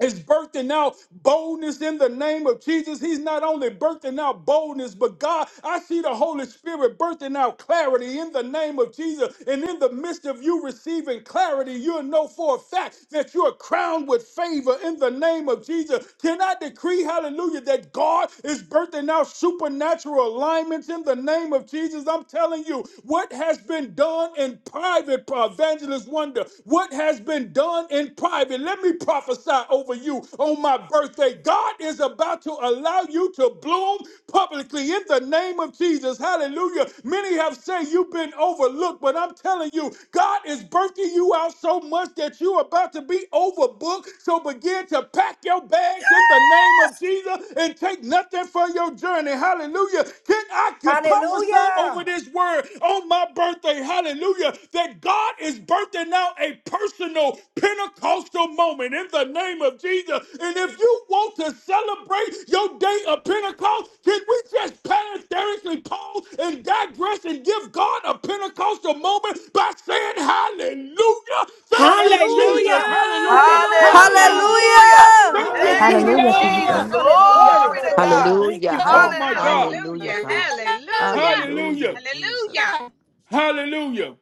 S4: is birthing out boldness in the name of Jesus. He's not only birthing out boldness, but God, I see the Holy Spirit birthing out clarity in the name of Jesus. And in the midst of you receiving clarity, you'll know for a fact that you're crowned with favor in the name of Jesus. Can I decree, hallelujah, that God is birthing out supernatural alignments in the name of Jesus? I'm telling you, what has been done in private, Evangelist Wonder, what has been done in private, let me prophesy over you on my birthday. God is about to allow you to bloom publicly in the name of Jesus. Hallelujah. Many have said you've been overlooked, but I'm telling you, God is birthing you out so much that you're about to be overbooked. So begin to pack your bags in the name of Jesus and take nothing for your journey. Hallelujah. Can I? to prophesy over
S14: Hallelujah.
S4: this word on my birthday, hallelujah, that God is birthing out a personal Pentecostal moment in the name of Jesus. And if you want to celebrate your day of Pentecost, can we just parenthetically pause and digress and give God a Pentecostal moment by saying hallelujah? Thank you, Jesus.
S14: Hallelujah.
S4: Hallelujah.
S7: Hallelujah.
S4: Hallelujah.
S14: Hallelujah.
S1: Hallelujah.
S6: Hallelujah.
S4: Thank you,
S14: Hallelujah.
S6: Hallelujah.
S1: Thank you,
S4: Jesus.
S11: Hallelujah to you,
S14: Hallelujah.
S1: Jesus.
S7: Hallelujah.
S11: God.
S14: Hallelujah.
S7: Glory
S1: Glory
S7: to
S1: to God.
S7: God.
S14: Hallelujah.
S7: Thank
S12: Hallelujah.
S7: you,
S4: Oh
S7: Father.
S4: my
S12: Hallelujah.
S1: Hallelujah.
S4: God.
S12: Hallelujah.
S16: Hallelujah,
S12: God.
S16: hallelujah,
S4: Hallelujah.
S16: hallelujah.
S4: Hallelujah.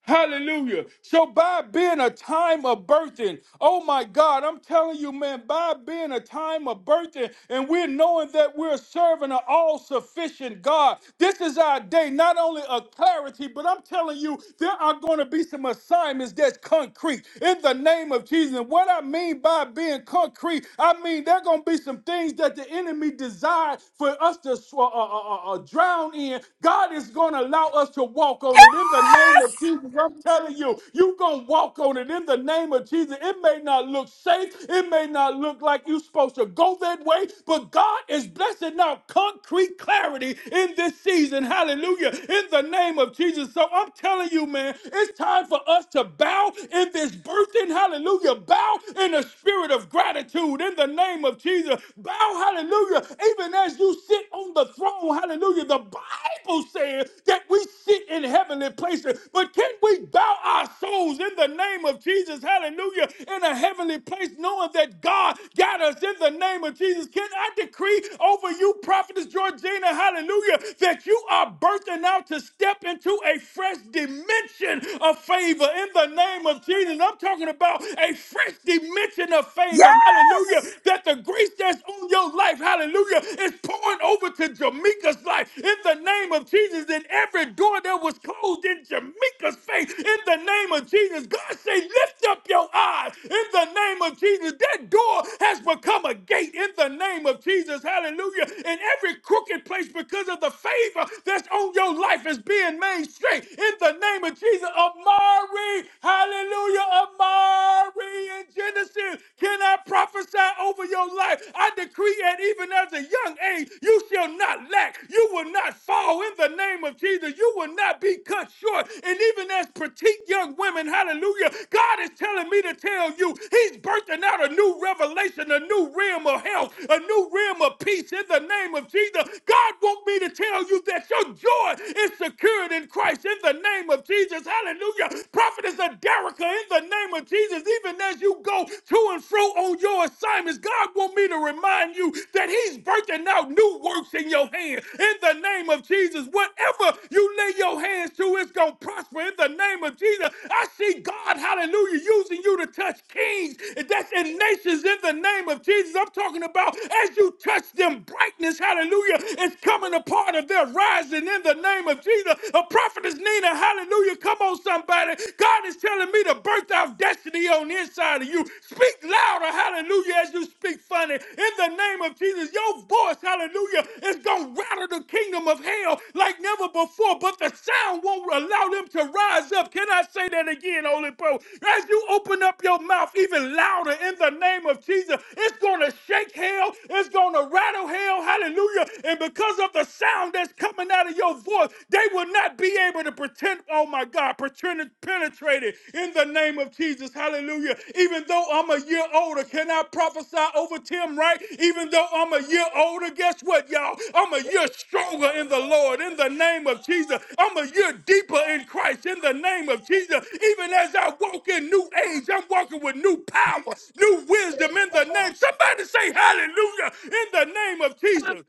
S4: Hallelujah. So by being a time of birthing, oh my God, I'm telling you, man, by being a time of birthing and we're knowing that we're serving an all-sufficient God, this is our day, not only a clarity, but I'm telling you, there are going to be some assignments that's concrete in the name of Jesus. And what I mean by being concrete, I mean there are going to be some things that the enemy desired for us to sw- uh, uh, uh, uh, drown in. God is going going to allow us to walk on it in the name of Jesus. I'm telling you, you're going to walk on it in the name of Jesus. It may not look safe, it may not look like you're supposed to go that way, but God is blessing out concrete clarity in this season. Hallelujah. In the name of Jesus. So I'm telling you, man, it's time for us to bow in this birthing. Hallelujah. Bow in the spirit of gratitude in the name of Jesus. Bow, hallelujah, even as you sit on the the throne. Hallelujah. The Bible says that we sit in heavenly places. But can we bow our souls in the name of Jesus? Hallelujah. In a heavenly place, knowing that God got us in the name of Jesus. Can I decree over you, Prophetess Georgina? Hallelujah. That you are birthing out to step into a fresh dimension of favor in the name of Jesus. I'm talking about a fresh dimension of
S7: Yeah.
S4: favor. Hallelujah. That the grace that's on on your life. Hallelujah. is pouring over to Jamaica's life. In the name of Jesus, in every door that was closed in Jamaica's face, in the name of Jesus, God say, lift up your eyes. In the name of Jesus, that door has become a gate. In the name of Jesus, hallelujah. In every crooked place, because of the favor that's on your life, is being made straight. In the name of Jesus, Amari, hallelujah, Amari in Genesis. Can I prophesy over your life? I decree that even as a young age, you shall not lack. You will not fall in the name of Jesus. You will not be cut short. And even as petite young women, hallelujah, God is telling me to tell you, He's birthing out a new revelation, a new realm of health, a new realm of peace in the name of Jesus. God wants me to tell you that your joy is secured in Christ in the name of Jesus. Hallelujah. Prophetess Aderica in the name of Jesus, even as you go to and fro on your assignments, God want me to remind you that He's birthing out new works in your hand. In the name of Jesus, whatever you lay your hands to, it's going to prosper. In the name of Jesus, I see God, hallelujah, using you to touch kings. That's in nations. In the name of Jesus, I'm talking about as you touch them, brightness, hallelujah, is coming apart of their rising. In the name of Jesus, a prophetess Nina, hallelujah. Hallelujah. Come on, somebody. God is telling me to birth out destiny on the inside of you. Speak louder, hallelujah, as you speak funny. In the name of Jesus, your voice, hallelujah, is going to rattle the kingdom of hell like never before, but the sound won't allow them to rise up. Can I say that again, Holy Pro? As you open up your mouth even louder in the name of Jesus, it's going to shake hell, it's going to rattle hell, hallelujah. And because of the sound that's coming out of your voice, they will not be able to pretend, oh my God, pretend penetrated in the name of Jesus. Hallelujah. Even though I'm a year older, can I prophesy over Tim, right? Even though I'm a year older, guess what, y'all? I'm a year stronger in the Lord in the name of Jesus. I'm a year deeper in Christ in the name of Jesus. Even as I walk in new age, I'm walking with new power, new wisdom in the name. Somebody say hallelujah in the name of Jesus.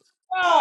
S14: Hallelujah.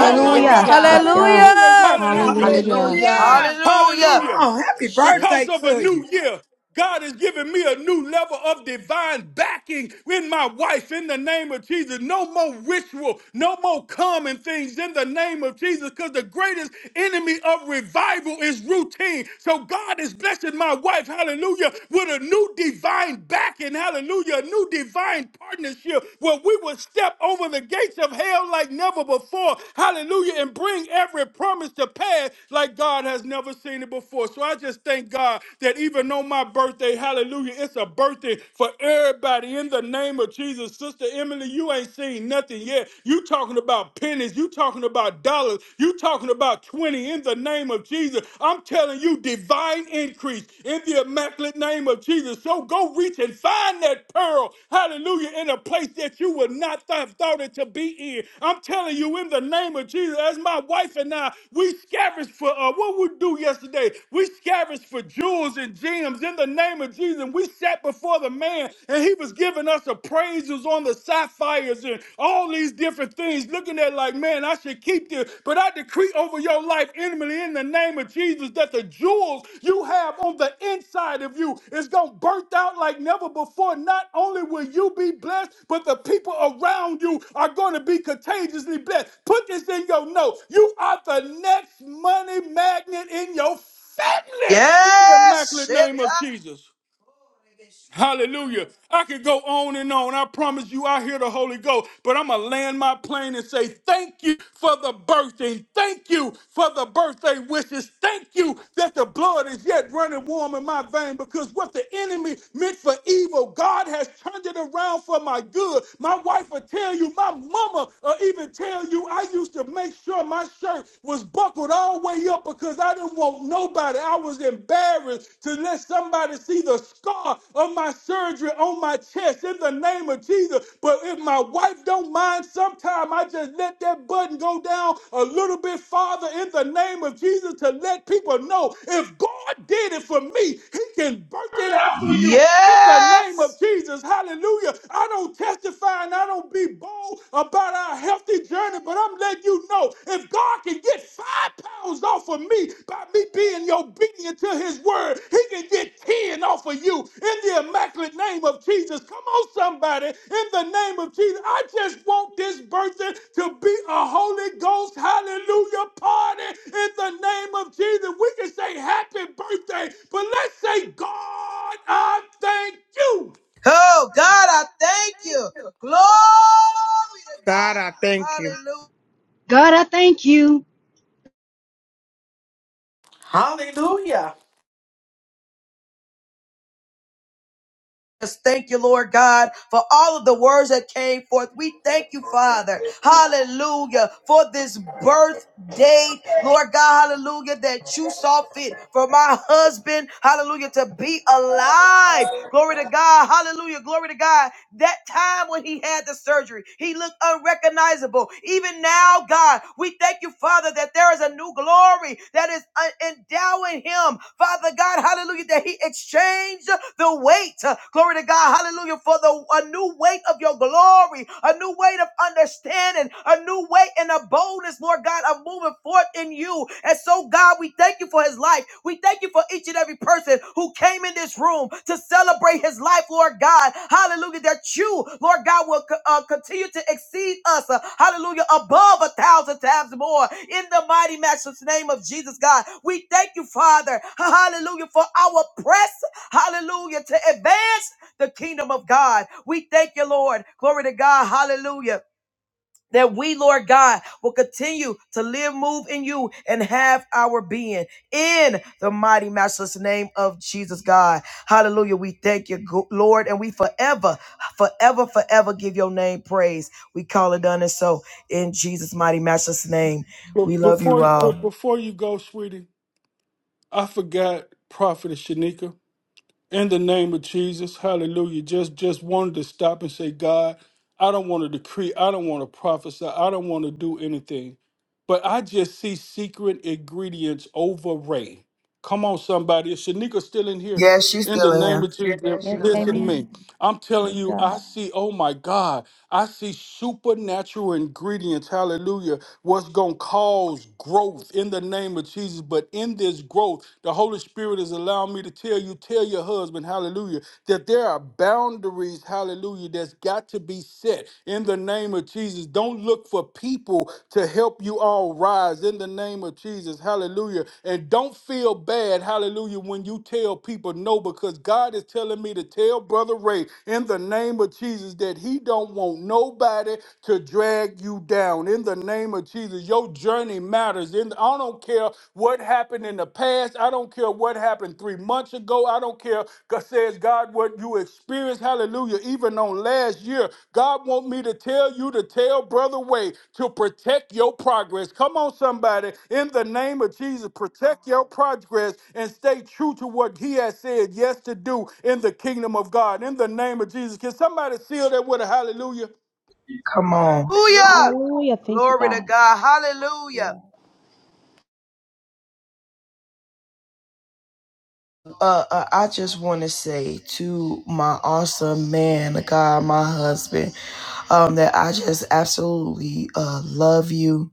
S4: Oh my God.
S11: Yes, God.
S14: Hallelujah.
S6: Hallelujah.
S14: Yes, God.
S4: Hallelujah.
S14: Thank you,
S10: Hallelujah.
S12: Hallelujah.
S2: Hallelujah.
S14: Jesus.
S7: Come
S4: Hallelujah.
S7: on. Happy
S4: Because
S7: birthday
S4: of a
S7: to you.
S4: new year, God is giving me a new level of divine backing in my wife in the name of Jesus. No more ritual, no more common things in the name of Jesus because the greatest enemy of revival is routine. So God is blessing my wife, hallelujah, with a new divine backing, hallelujah, a new divine partnership where we will step over the gates gates of hell like never before. Hallelujah. And bring every promise to pass like God has never seen it before. So I just thank God that even on my birthday, hallelujah, it's a birthday for everybody in the name of Jesus. Sister Emily, you ain't seen nothing yet. You talking about pennies. You talking about dollars. You talking about 20 in the name of Jesus. I'm telling you, divine increase in in the immaculate name of Jesus. So go reach and find that pearl, hallelujah, in a place that you would not have thought it to be in. I'm telling you, in the name of Jesus, as my wife and I, we scavenged for, uh, what we do yesterday? We scavenged for jewels and gems in the name of Jesus. And we sat before the man, and he was giving us appraisals on the sapphires and all these different things, looking at looking at it like, man, I should keep this. But I decree over your life, intimately, in the name of Jesus, that the jewels you have on the inside of you is going to burst out like never before. Not only will you be blessed, but the people around you are going to be contagiously blessed. Put this in your note. You are the next money magnet in your family. In the immaculate name of Jesus. Hallelujah. I could go on and on. I promise you, I hear the Holy Ghost, but I'm going to land my plane and say thank you for the birthing. Thank you for the birthday wishes. Thank you that the blood is yet running warm in my vein because what the enemy meant for evil, God has turned it around for my good. My wife will tell you, my mama will even tell you, I used to make sure my shirt was buckled all the way up because I didn't didn't want nobody. I was embarrassed to let somebody see the scar of my surgery on my chest in the name of Jesus. But if my wife don't mind, sometime I just let that button go down a little bit farther in the name of Jesus to let people know if God did it for me, he can work it out for you in the name of Jesus. Hallelujah. I don't testify and I don't be bold about our health lengthy journey, but I'm letting you know if God can get five pounds off of me by me being obedient to his word, he can get 10 off of you in the immaculate name of Jesus. Come on, somebody, in the name of Jesus. I just want this birthday to be a Holy Ghost hallelujah party in the name of Jesus. We can say happy birthday, but let's say, God, I thank you.
S1: Oh, God, I thank you. Glory to
S2: God, I
S1: God.
S2: thank you.
S1: Hallelujah.
S14: God, I thank you,
S17: hallelujah
S1: Yes, Thank you, Lord God, for all of the words that came forth. We thank you, Father. Hallelujah. For this birth date, Lord God, hallelujah, that you saw fit for my husband, hallelujah, to be alive. Glory to God. Hallelujah. Glory to God. that time when he had the surgery. He looked unrecognizable. Even now, God, we thank you, Father, that there is a new glory that is uh, endowing him. Father God, hallelujah, that he exchanged the weight. uh, Glory to God, hallelujah, for the a new weight of your glory, a new weight of understanding, a new weight and a boldness, Lord God, are moving forth in you. And so, God, we thank you for his life. We thank you for each and every person who came in this room to celebrate his life, Lord God. Hallelujah. That you, Lord God, will uh, continue to exceed us. uh, hallelujah. Above a thousand times more. In the mighty matchless name of Jesus, God. We thank you, Father. Hallelujah. For our press. Hallelujah. To advance the kingdom of God. We thank you, Lord. Glory to God. Hallelujah that we, Lord God, will continue to live, move in you, and have our being in the mighty, matchless name of Jesus, God. Hallelujah. We thank you, Go- Lord, and we forever, forever, forever give your name praise. We call it done and so in Jesus' mighty, matchless name.
S4: But
S1: We love you
S4: before but
S1: all.
S4: before you go, sweetie, I forgot Prophet Shanika. In the name of Jesus, hallelujah. Just just wanted to stop and say, God, I don't want to decree, I don't want to prophesy, I don't want to do anything. But I just see secret ingredients over Ray. Come on, somebody. Is Shanika still in here?
S1: Yes, she's
S4: In
S1: still
S4: the
S1: in
S4: name
S1: here.
S4: of Jesus, Yes.
S11: Yes,
S4: listen to
S11: amen.
S4: me. I'm telling you, I see, oh my God, I see supernatural ingredients, hallelujah what's going to cause growth in the name of Jesus. But in this growth, the Holy Spirit is allowing me to tell you, tell your husband, hallelujah, that there are boundaries, hallelujah, that's got to be set in the name of Jesus. Don't look for people to help you all rise in the name of Jesus, hallelujah. And don't feel bad, hallelujah, when you tell people no, because God is telling me to tell Brother Ray in the name of Jesus that he don't want nobody to drag drag you down in the name of Jesus. Your journey matters. In I don't care what happened in the past. I don't care what happened three months ago. I don't care. God says God what you experienced. Hallelujah. Even on last year, God want me to tell you to tell brother Way to protect your progress. Come on, somebody. In the name of Jesus, protect your progress and stay true to what He has said yes to do in the kingdom of God. In the name of Jesus, can somebody seal that with a hallelujah?
S1: Come on. Hallelujah.
S11: Hallelujah. Thank you,
S1: Glory
S11: God.
S1: to God. Hallelujah. Uh, uh, I just want to say to my awesome man, God, my husband. um, that I just absolutely uh, love you.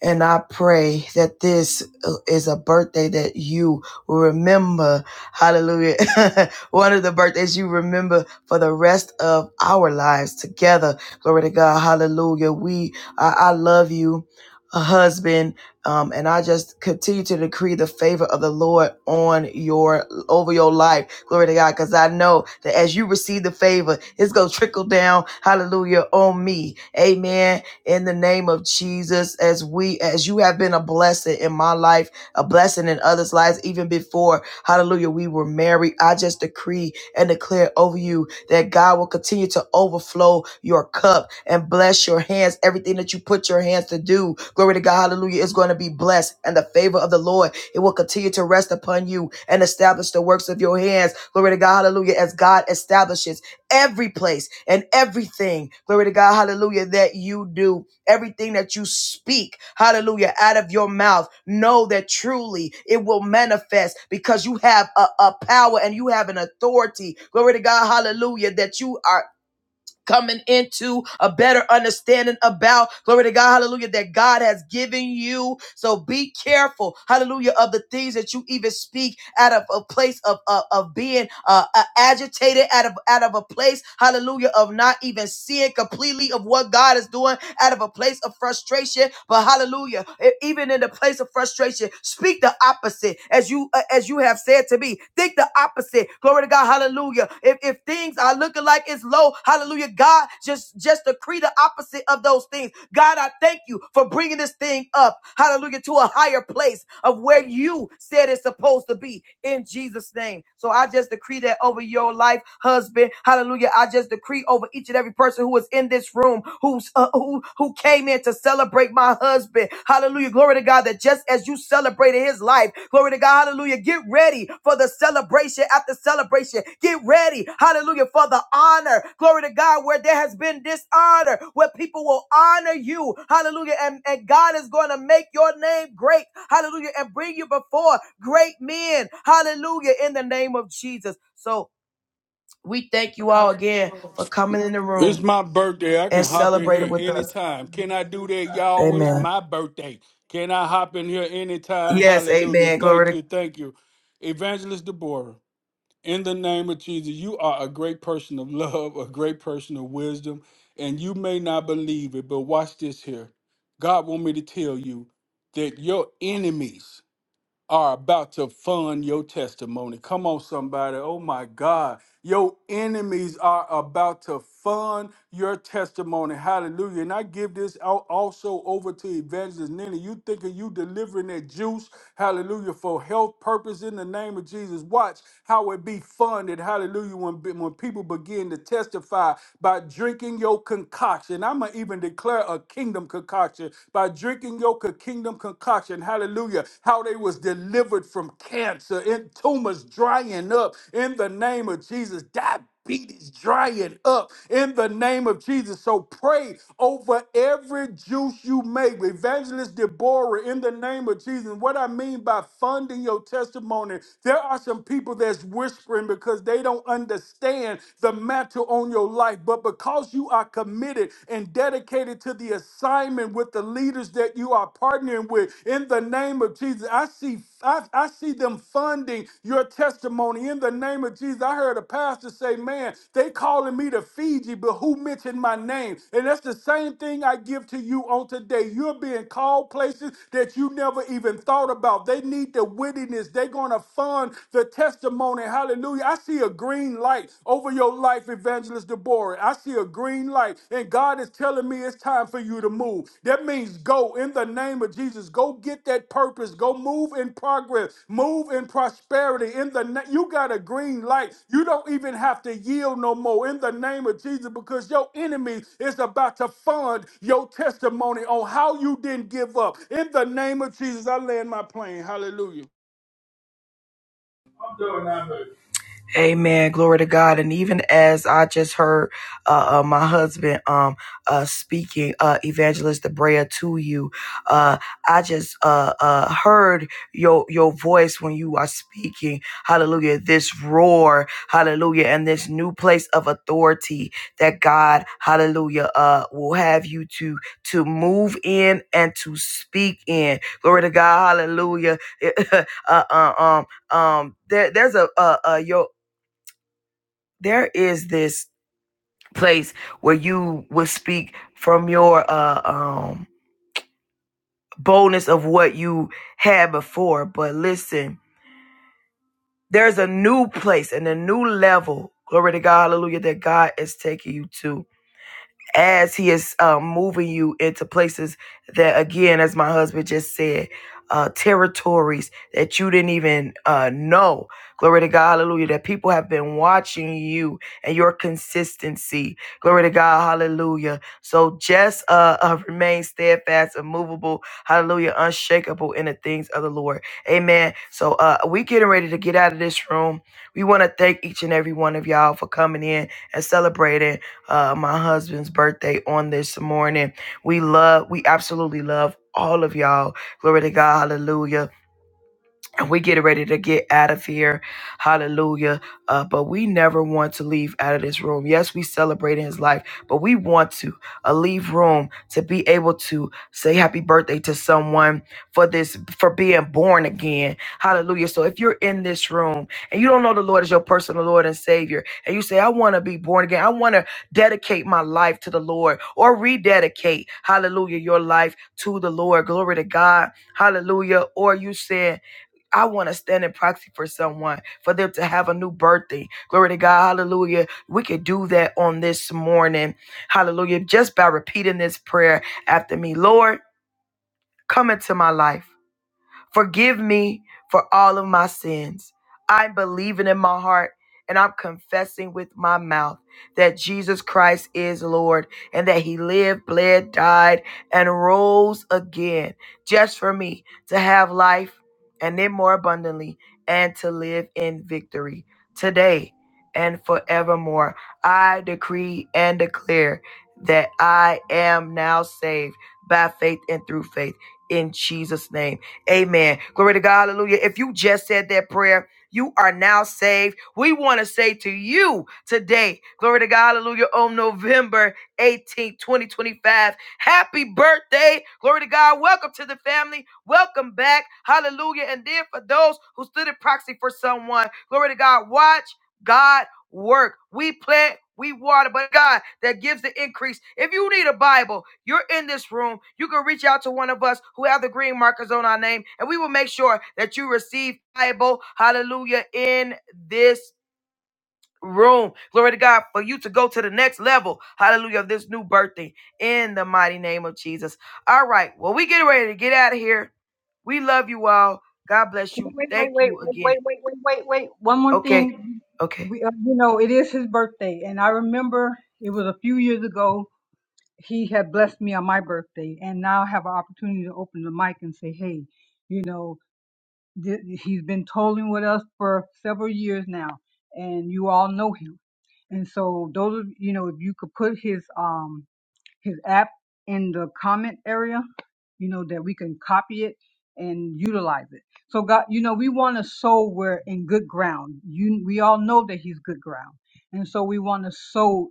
S1: And I pray that this uh, is a birthday that you will remember. Hallelujah. One of the birthdays you remember for the rest of our lives together. Glory to God. Hallelujah. We, I, I love you, a husband. Um, and I just continue to decree the favor of the Lord on your, over your life. Glory to God. Cause I know that as you receive the favor, it's going to trickle down. Hallelujah. On me. Amen in the name of Jesus as we as you have been a blessing in my life, a blessing in others' lives even before hallelujah we were married. I just decree and declare over you that God will continue to overflow your cup and bless your hands. Everything that you put your hands to do, glory to God, hallelujah, is going to be blessed. And the favor of the Lord, it will continue to rest upon you and establish the works of your hands. Glory to God, hallelujah, as God establishes every place and everything. Glory to God. Hallelujah. That you do, everything that you speak. Hallelujah. Out of your mouth. Know that truly it will manifest because you have a, a power and you have an authority. Glory to God. Hallelujah. That you are coming into a better understanding about glory to God, hallelujah, that God has given you. So be careful, hallelujah, of the things that you even speak out of a place of of, of being uh, uh, agitated, out of out of a place, hallelujah, of not even seeing completely of what God is doing, out of a place of frustration. But hallelujah, e- even in the place of frustration, speak the opposite as you uh, but as you have said to me. Think the opposite. Glory to God. Hallelujah. If, if things are looking like it's low, hallelujah. God, just, just decree the opposite of those things. God, I thank you for bringing this thing up. Hallelujah. To a higher place of where you said it's supposed to be in Jesus' name. So I just decree that over your life, husband. Hallelujah. I just decree over each and every person who is in this room, who's, uh, who, who came in to celebrate my husband. Hallelujah. Glory to God that just as you celebrated his life, glory to God, hallelujah. Get ready for the celebration after celebration. Get ready, hallelujah, for the honor. Glory to God, where there has been dishonor, where people will honor you. Hallelujah. And, and God is going to make your name great. Hallelujah. And bring you before great men. Hallelujah. In the name of Jesus. So we thank you all again for coming in the
S4: It's
S1: room
S4: my birthday. I can
S1: and
S4: hop in
S1: celebrating
S4: here
S1: with us.
S4: anytime. Can I do that, y'all? It's
S1: Amen.
S4: my birthday. Can I hop in here anytime?
S1: Yes,
S4: Hallelujah.
S1: amen. Glory
S4: Thank
S1: to
S4: you. Thank you. Evangelist Deborah, in the name of Jesus, you are a great person of love, a great person of wisdom, and you may not believe it, but watch this here. God want me to tell you that your enemies are about to fund your testimony. Come on, somebody. Oh my God. Your enemies are about to fund your testimony. Hallelujah. And I give this out also over to Evangelist Nina. You thinking you delivering that juice, hallelujah, for health purpose in the name of Jesus. Watch how it be funded, hallelujah, when, when people begin to testify by drinking your concoction. I'm going to even declare a kingdom concoction by drinking your co- kingdom concoction. Hallelujah. How they was delivered from cancer and tumors drying up in the name of Jesus. Diabetes drying up in the name of Jesus. So pray over every juice you make. Evangelist Deborah, in the name of Jesus. What I mean by funding your testimony, there are some people that's whispering because they don't understand the mantle on your life. But because you because you are committed and dedicated to the assignment with the leaders that you are partnering with. In the name of Jesus, I see I, I see them funding your testimony. In the name of Jesus, I heard a pastor say, "Man, they calling me to Fiji, but who mentioned my name?" And that's the same thing I give to you on today. You're being called places that you never even thought about. They need the wittiness. They're going to fund the testimony. Hallelujah. I see see a green light over your life, Evangelist Deborah. I see a green light, and God is telling me it's time for you to move. That means go in the name of Jesus. Go get that purpose. Go move in progress. Move in prosperity. In the na- you got a green light. You don't even have to yield no more in the name of Jesus because your enemy is about to fund your testimony on how you didn't give up. In the name of Jesus, I land my plane. Hallelujah.
S1: Amen. Glory to God. And even as I just heard uh, uh, my husband um, uh, speaking, uh, Evangelist Debrea, to you, uh, I just uh, uh, heard your your voice when you are speaking. Hallelujah. This roar, hallelujah, and this new place of authority that God, hallelujah, uh, will have you to to move in and to speak in. Glory to God. Hallelujah. uh, uh, um, um there, there's a uh, uh your there is this place where you will speak from your uh um boldness of what you had before but listen there's a new place and a new level glory to god hallelujah that god is taking you to as he is um, moving you into places that again as my husband just said uh, territories that you didn't even uh, know glory to god hallelujah that people have been watching you and your consistency glory to god hallelujah so just uh, uh, remain steadfast immovable hallelujah unshakable in the things of the lord amen so uh, we getting ready to get out of this room we want to thank each and every one of y'all for coming in and celebrating uh, my husband's birthday on this morning. We love, we absolutely love all of y'all. Glory to God. Hallelujah and we get ready to get out of here. Hallelujah. Uh, but we never want to leave out of this room. Yes, we celebrate in his life, but we want to uh, leave room to be able to say happy birthday to someone for this, for being born again. Hallelujah. So if you're in this room and you don't know the Lord as your personal Lord and Savior, and you say, I want to be born again, I want to dedicate my life to the Lord or rededicate, hallelujah, your life to the Lord. Glory to God. Hallelujah. Or you said, I want to stand in proxy for someone, for them to have a new birthday. Glory to God. Hallelujah. We could do that on this morning. Hallelujah. Just by repeating this prayer after me. Lord, come into my life. Forgive me for all of my sins. I'm believing in my heart and I'm confessing with my mouth that Jesus Christ is Lord and that He lived, bled, died, and rose again just for me to have life and then more abundantly and to live in victory today and forevermore. I decree and declare that I am now saved by faith and through faith in Jesus' name. Amen. Glory to God. Hallelujah. If you just said that prayer, you are now saved. We want to say to you today, glory to God, hallelujah, on November 18th, 2025, happy birthday. Glory to God. Welcome to the family. Welcome back. Hallelujah. And then for those who stood in proxy for someone, glory to God, watch God work. We plant, we water, but God that gives the increase. If you need a Bible, you're in this room. You can reach out to one of us who have the green markers on our name, and we will make sure that you receive Bible. Hallelujah in this room. Glory to God for you to go to the next level. Hallelujah of this new birthday in the mighty name of Jesus. All right. Well, we get ready to get out of here. We love you all. God bless you.
S3: Wait, wait,
S1: Thank
S3: wait,
S1: you
S3: wait,
S1: again.
S3: wait, wait, wait, wait, wait. One more
S1: Okay.
S3: thing.
S1: Okay.
S3: We, uh, you know, it is his birthday, and I remember it was a few years ago. He had blessed me on my birthday, and now I have an opportunity to open the mic and say, "Hey, you know. th- he's been tolling with us for several years now, and you all know him. And so those, of- you know, if you could put his um his app in the comment area, you know, that we can copy it and utilize it. So God, you know, we want to sow where in good ground. You, we all know that he's good ground, and so we want to sow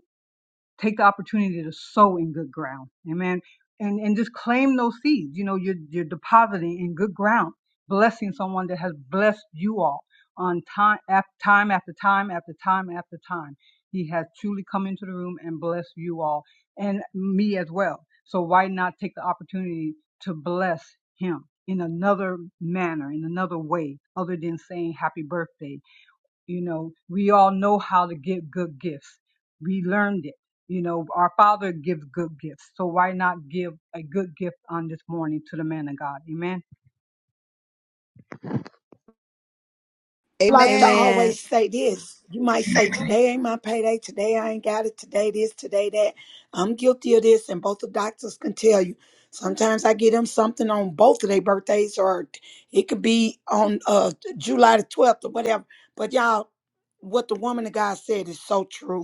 S3: take the opportunity to sow in good ground. Amen. And and just claim those seeds. You know, you're you're depositing in good ground, blessing someone that has blessed you all on time after time after time after time after time. He has truly come into the room and blessed you all and me as well. So why not take the opportunity to bless him in another manner, in another way, other than saying happy birthday you know, we all know how to give good gifts. We learned it. You know, our Father gives good gifts. So why not give a good gift on this morning to the man of God? Amen.
S7: like to
S2: Amen.
S6: Amen.
S7: always say this. You might say, Today ain't my payday. Today I ain't got it. Today this, today that. I'm guilty of this, and both the doctors can tell you. Sometimes I get them something on both of their birthdays, or it could be on uh, July the 12th or whatever. But y'all, what the woman of God said is so true.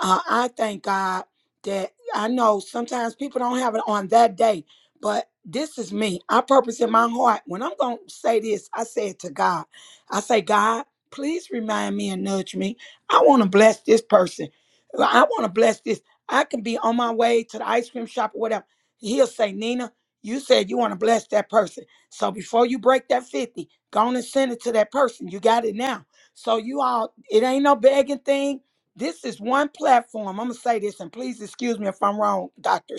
S7: Uh, I thank God that I know sometimes people don't have it on that day, but this is me. I purpose in my heart when I'm going to say this, I say it to God. I say, God, please remind me and nudge me. I want to bless this person. I want to bless this. I can be on my way to the ice cream shop or whatever. He'll say, Nina, you said you want to bless that person. So before you break that 50, go on and send it to that person. You got it now. So you all, it ain't no begging thing. This is one platform. I'm gonna say this, and please excuse me if I'm wrong, Doctor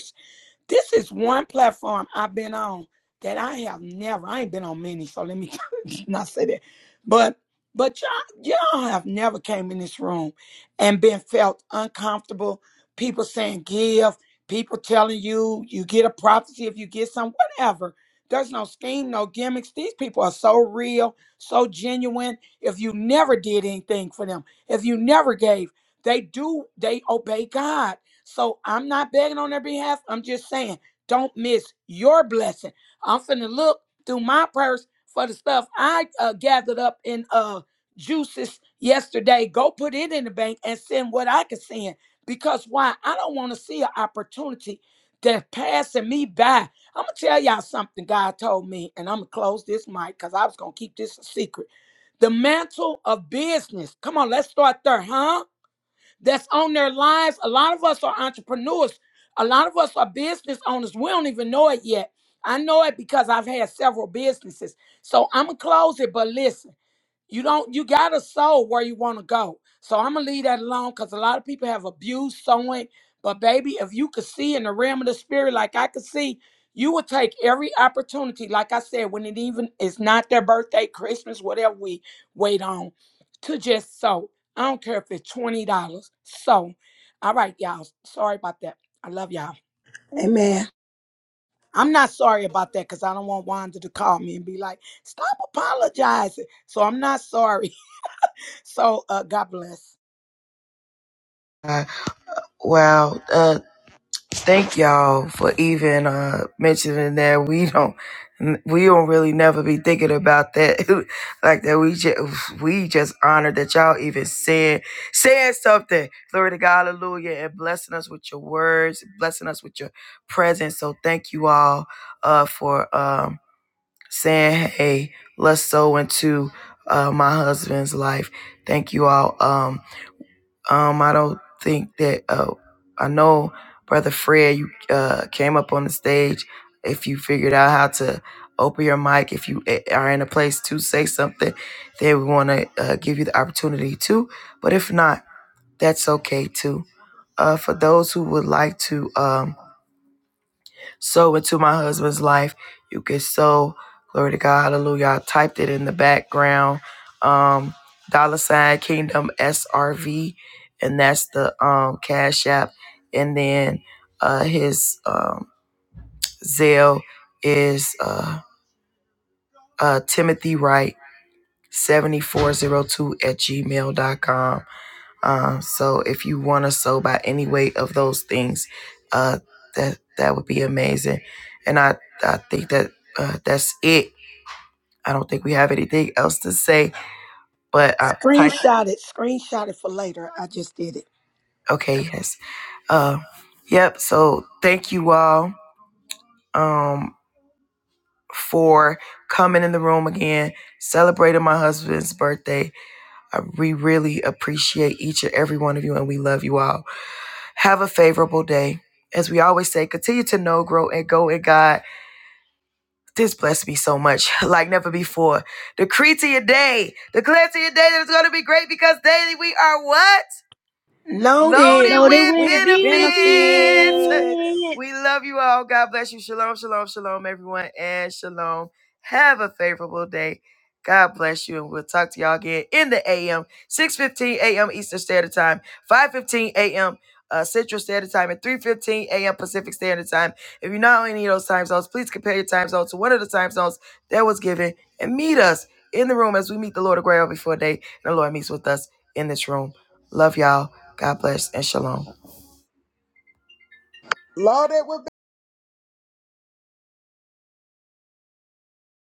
S7: this is one platform I've been on that I have never. I ain't been on many, so let me not say that. But but y'all y'all have never came in this room and been felt uncomfortable. People saying give, people telling you you get a prophecy if you get some whatever. There's no scheme, no gimmicks. These people are so real, so genuine. If you never did anything for them, if you never gave, they do they obey God so I'm not begging on their behalf. I'm just saying, don't miss your blessing. I'm finna look through my purse for the stuff I uh, gathered up in uh juices yesterday. Go put it in the bank and send what I can send. Because why? I don't want to see an opportunity that's passing me by. I'm gonna tell y'all something God told me, and I'm gonna close this mic because I was gonna keep this a secret. The mantle of business. Come on, let's start there, huh? that's on their lives. A lot of us are entrepreneurs. A lot of us are business owners. We don't even know it yet. I know it because I've had several businesses. So I'm gonna close it, but listen you don't you gotta sow where you want to go so i'm gonna leave that alone because a lot of people have abused sowing but baby if you could see in the realm of the spirit like i could see you would take every opportunity like i said when it even is not their birthday christmas whatever we wait on to just sow i don't care if it's $20 so all right y'all sorry about that i love y'all Amen. I'm not sorry about that because I don't want Wanda to call me and be like, stop apologizing. So I'm not sorry. So uh, God bless.
S1: Uh, wow. Uh, Thank y'all for even uh, mentioning that. We don't, we don't really never be thinking about that like that. We just, we just honored that y'all even said, saying something. Glory to God, Hallelujah, and blessing us with your words, blessing us with your presence. So thank you all uh, for um, saying, hey, let's sow into uh, my husband's life. Thank you all. Um, um, I don't think that. Uh, I know, brother Fred, you uh, came up on the stage. If you figured out how to open your mic, if you a- are in a place to say something, then we want to uh, give you the opportunity to. But if not, that's okay too. Uh, for those who would like to. Um, sow into my husband's life. You can sow. Glory to God. Hallelujah. I typed it in the background. Um, dollar sign kingdom SRV. And that's the um, cash app. And then uh, his um, Zelle is uh, uh, Timothy Wright 7402 at Gmail dot com. Um, so if you want to sow by any way of those things, uh, that that would be amazing. And I I think that uh, that's it. I don't think we have anything else to say. But I,
S7: Screenshot it. Screenshot it for later. I just did it.
S1: okay, yes. Uh, yep. So thank you all um, for coming in the room again, celebrating my husband's birthday. I, we really appreciate each and every one of you, and we love you all. Have a favorable day. As we always say, continue to know, grow, and go in God. This blessed me so much, like never before. Decree to your day. Declare to your day that it's going to be great because daily we are what?
S7: Loaded
S1: loaded
S14: Lord.
S1: with
S7: with
S1: benefits.
S7: benefits.
S1: We love you all. God bless you. Shalom, shalom, shalom, everyone, and shalom. Have a favorable day. God bless you, and we'll talk to y'all again in the AM, 6.15 AM Eastern Standard Time, 5.15 AM uh, Central Standard Time, and 3.15 AM Pacific Standard Time. If you're not on any of those time zones, please compare your time zone to one of the time zones that was given, and meet us in the room as we meet the Lord of Grail before day, and the Lord meets with us in this room. Love y'all. God bless and shalom.
S2: Loaded with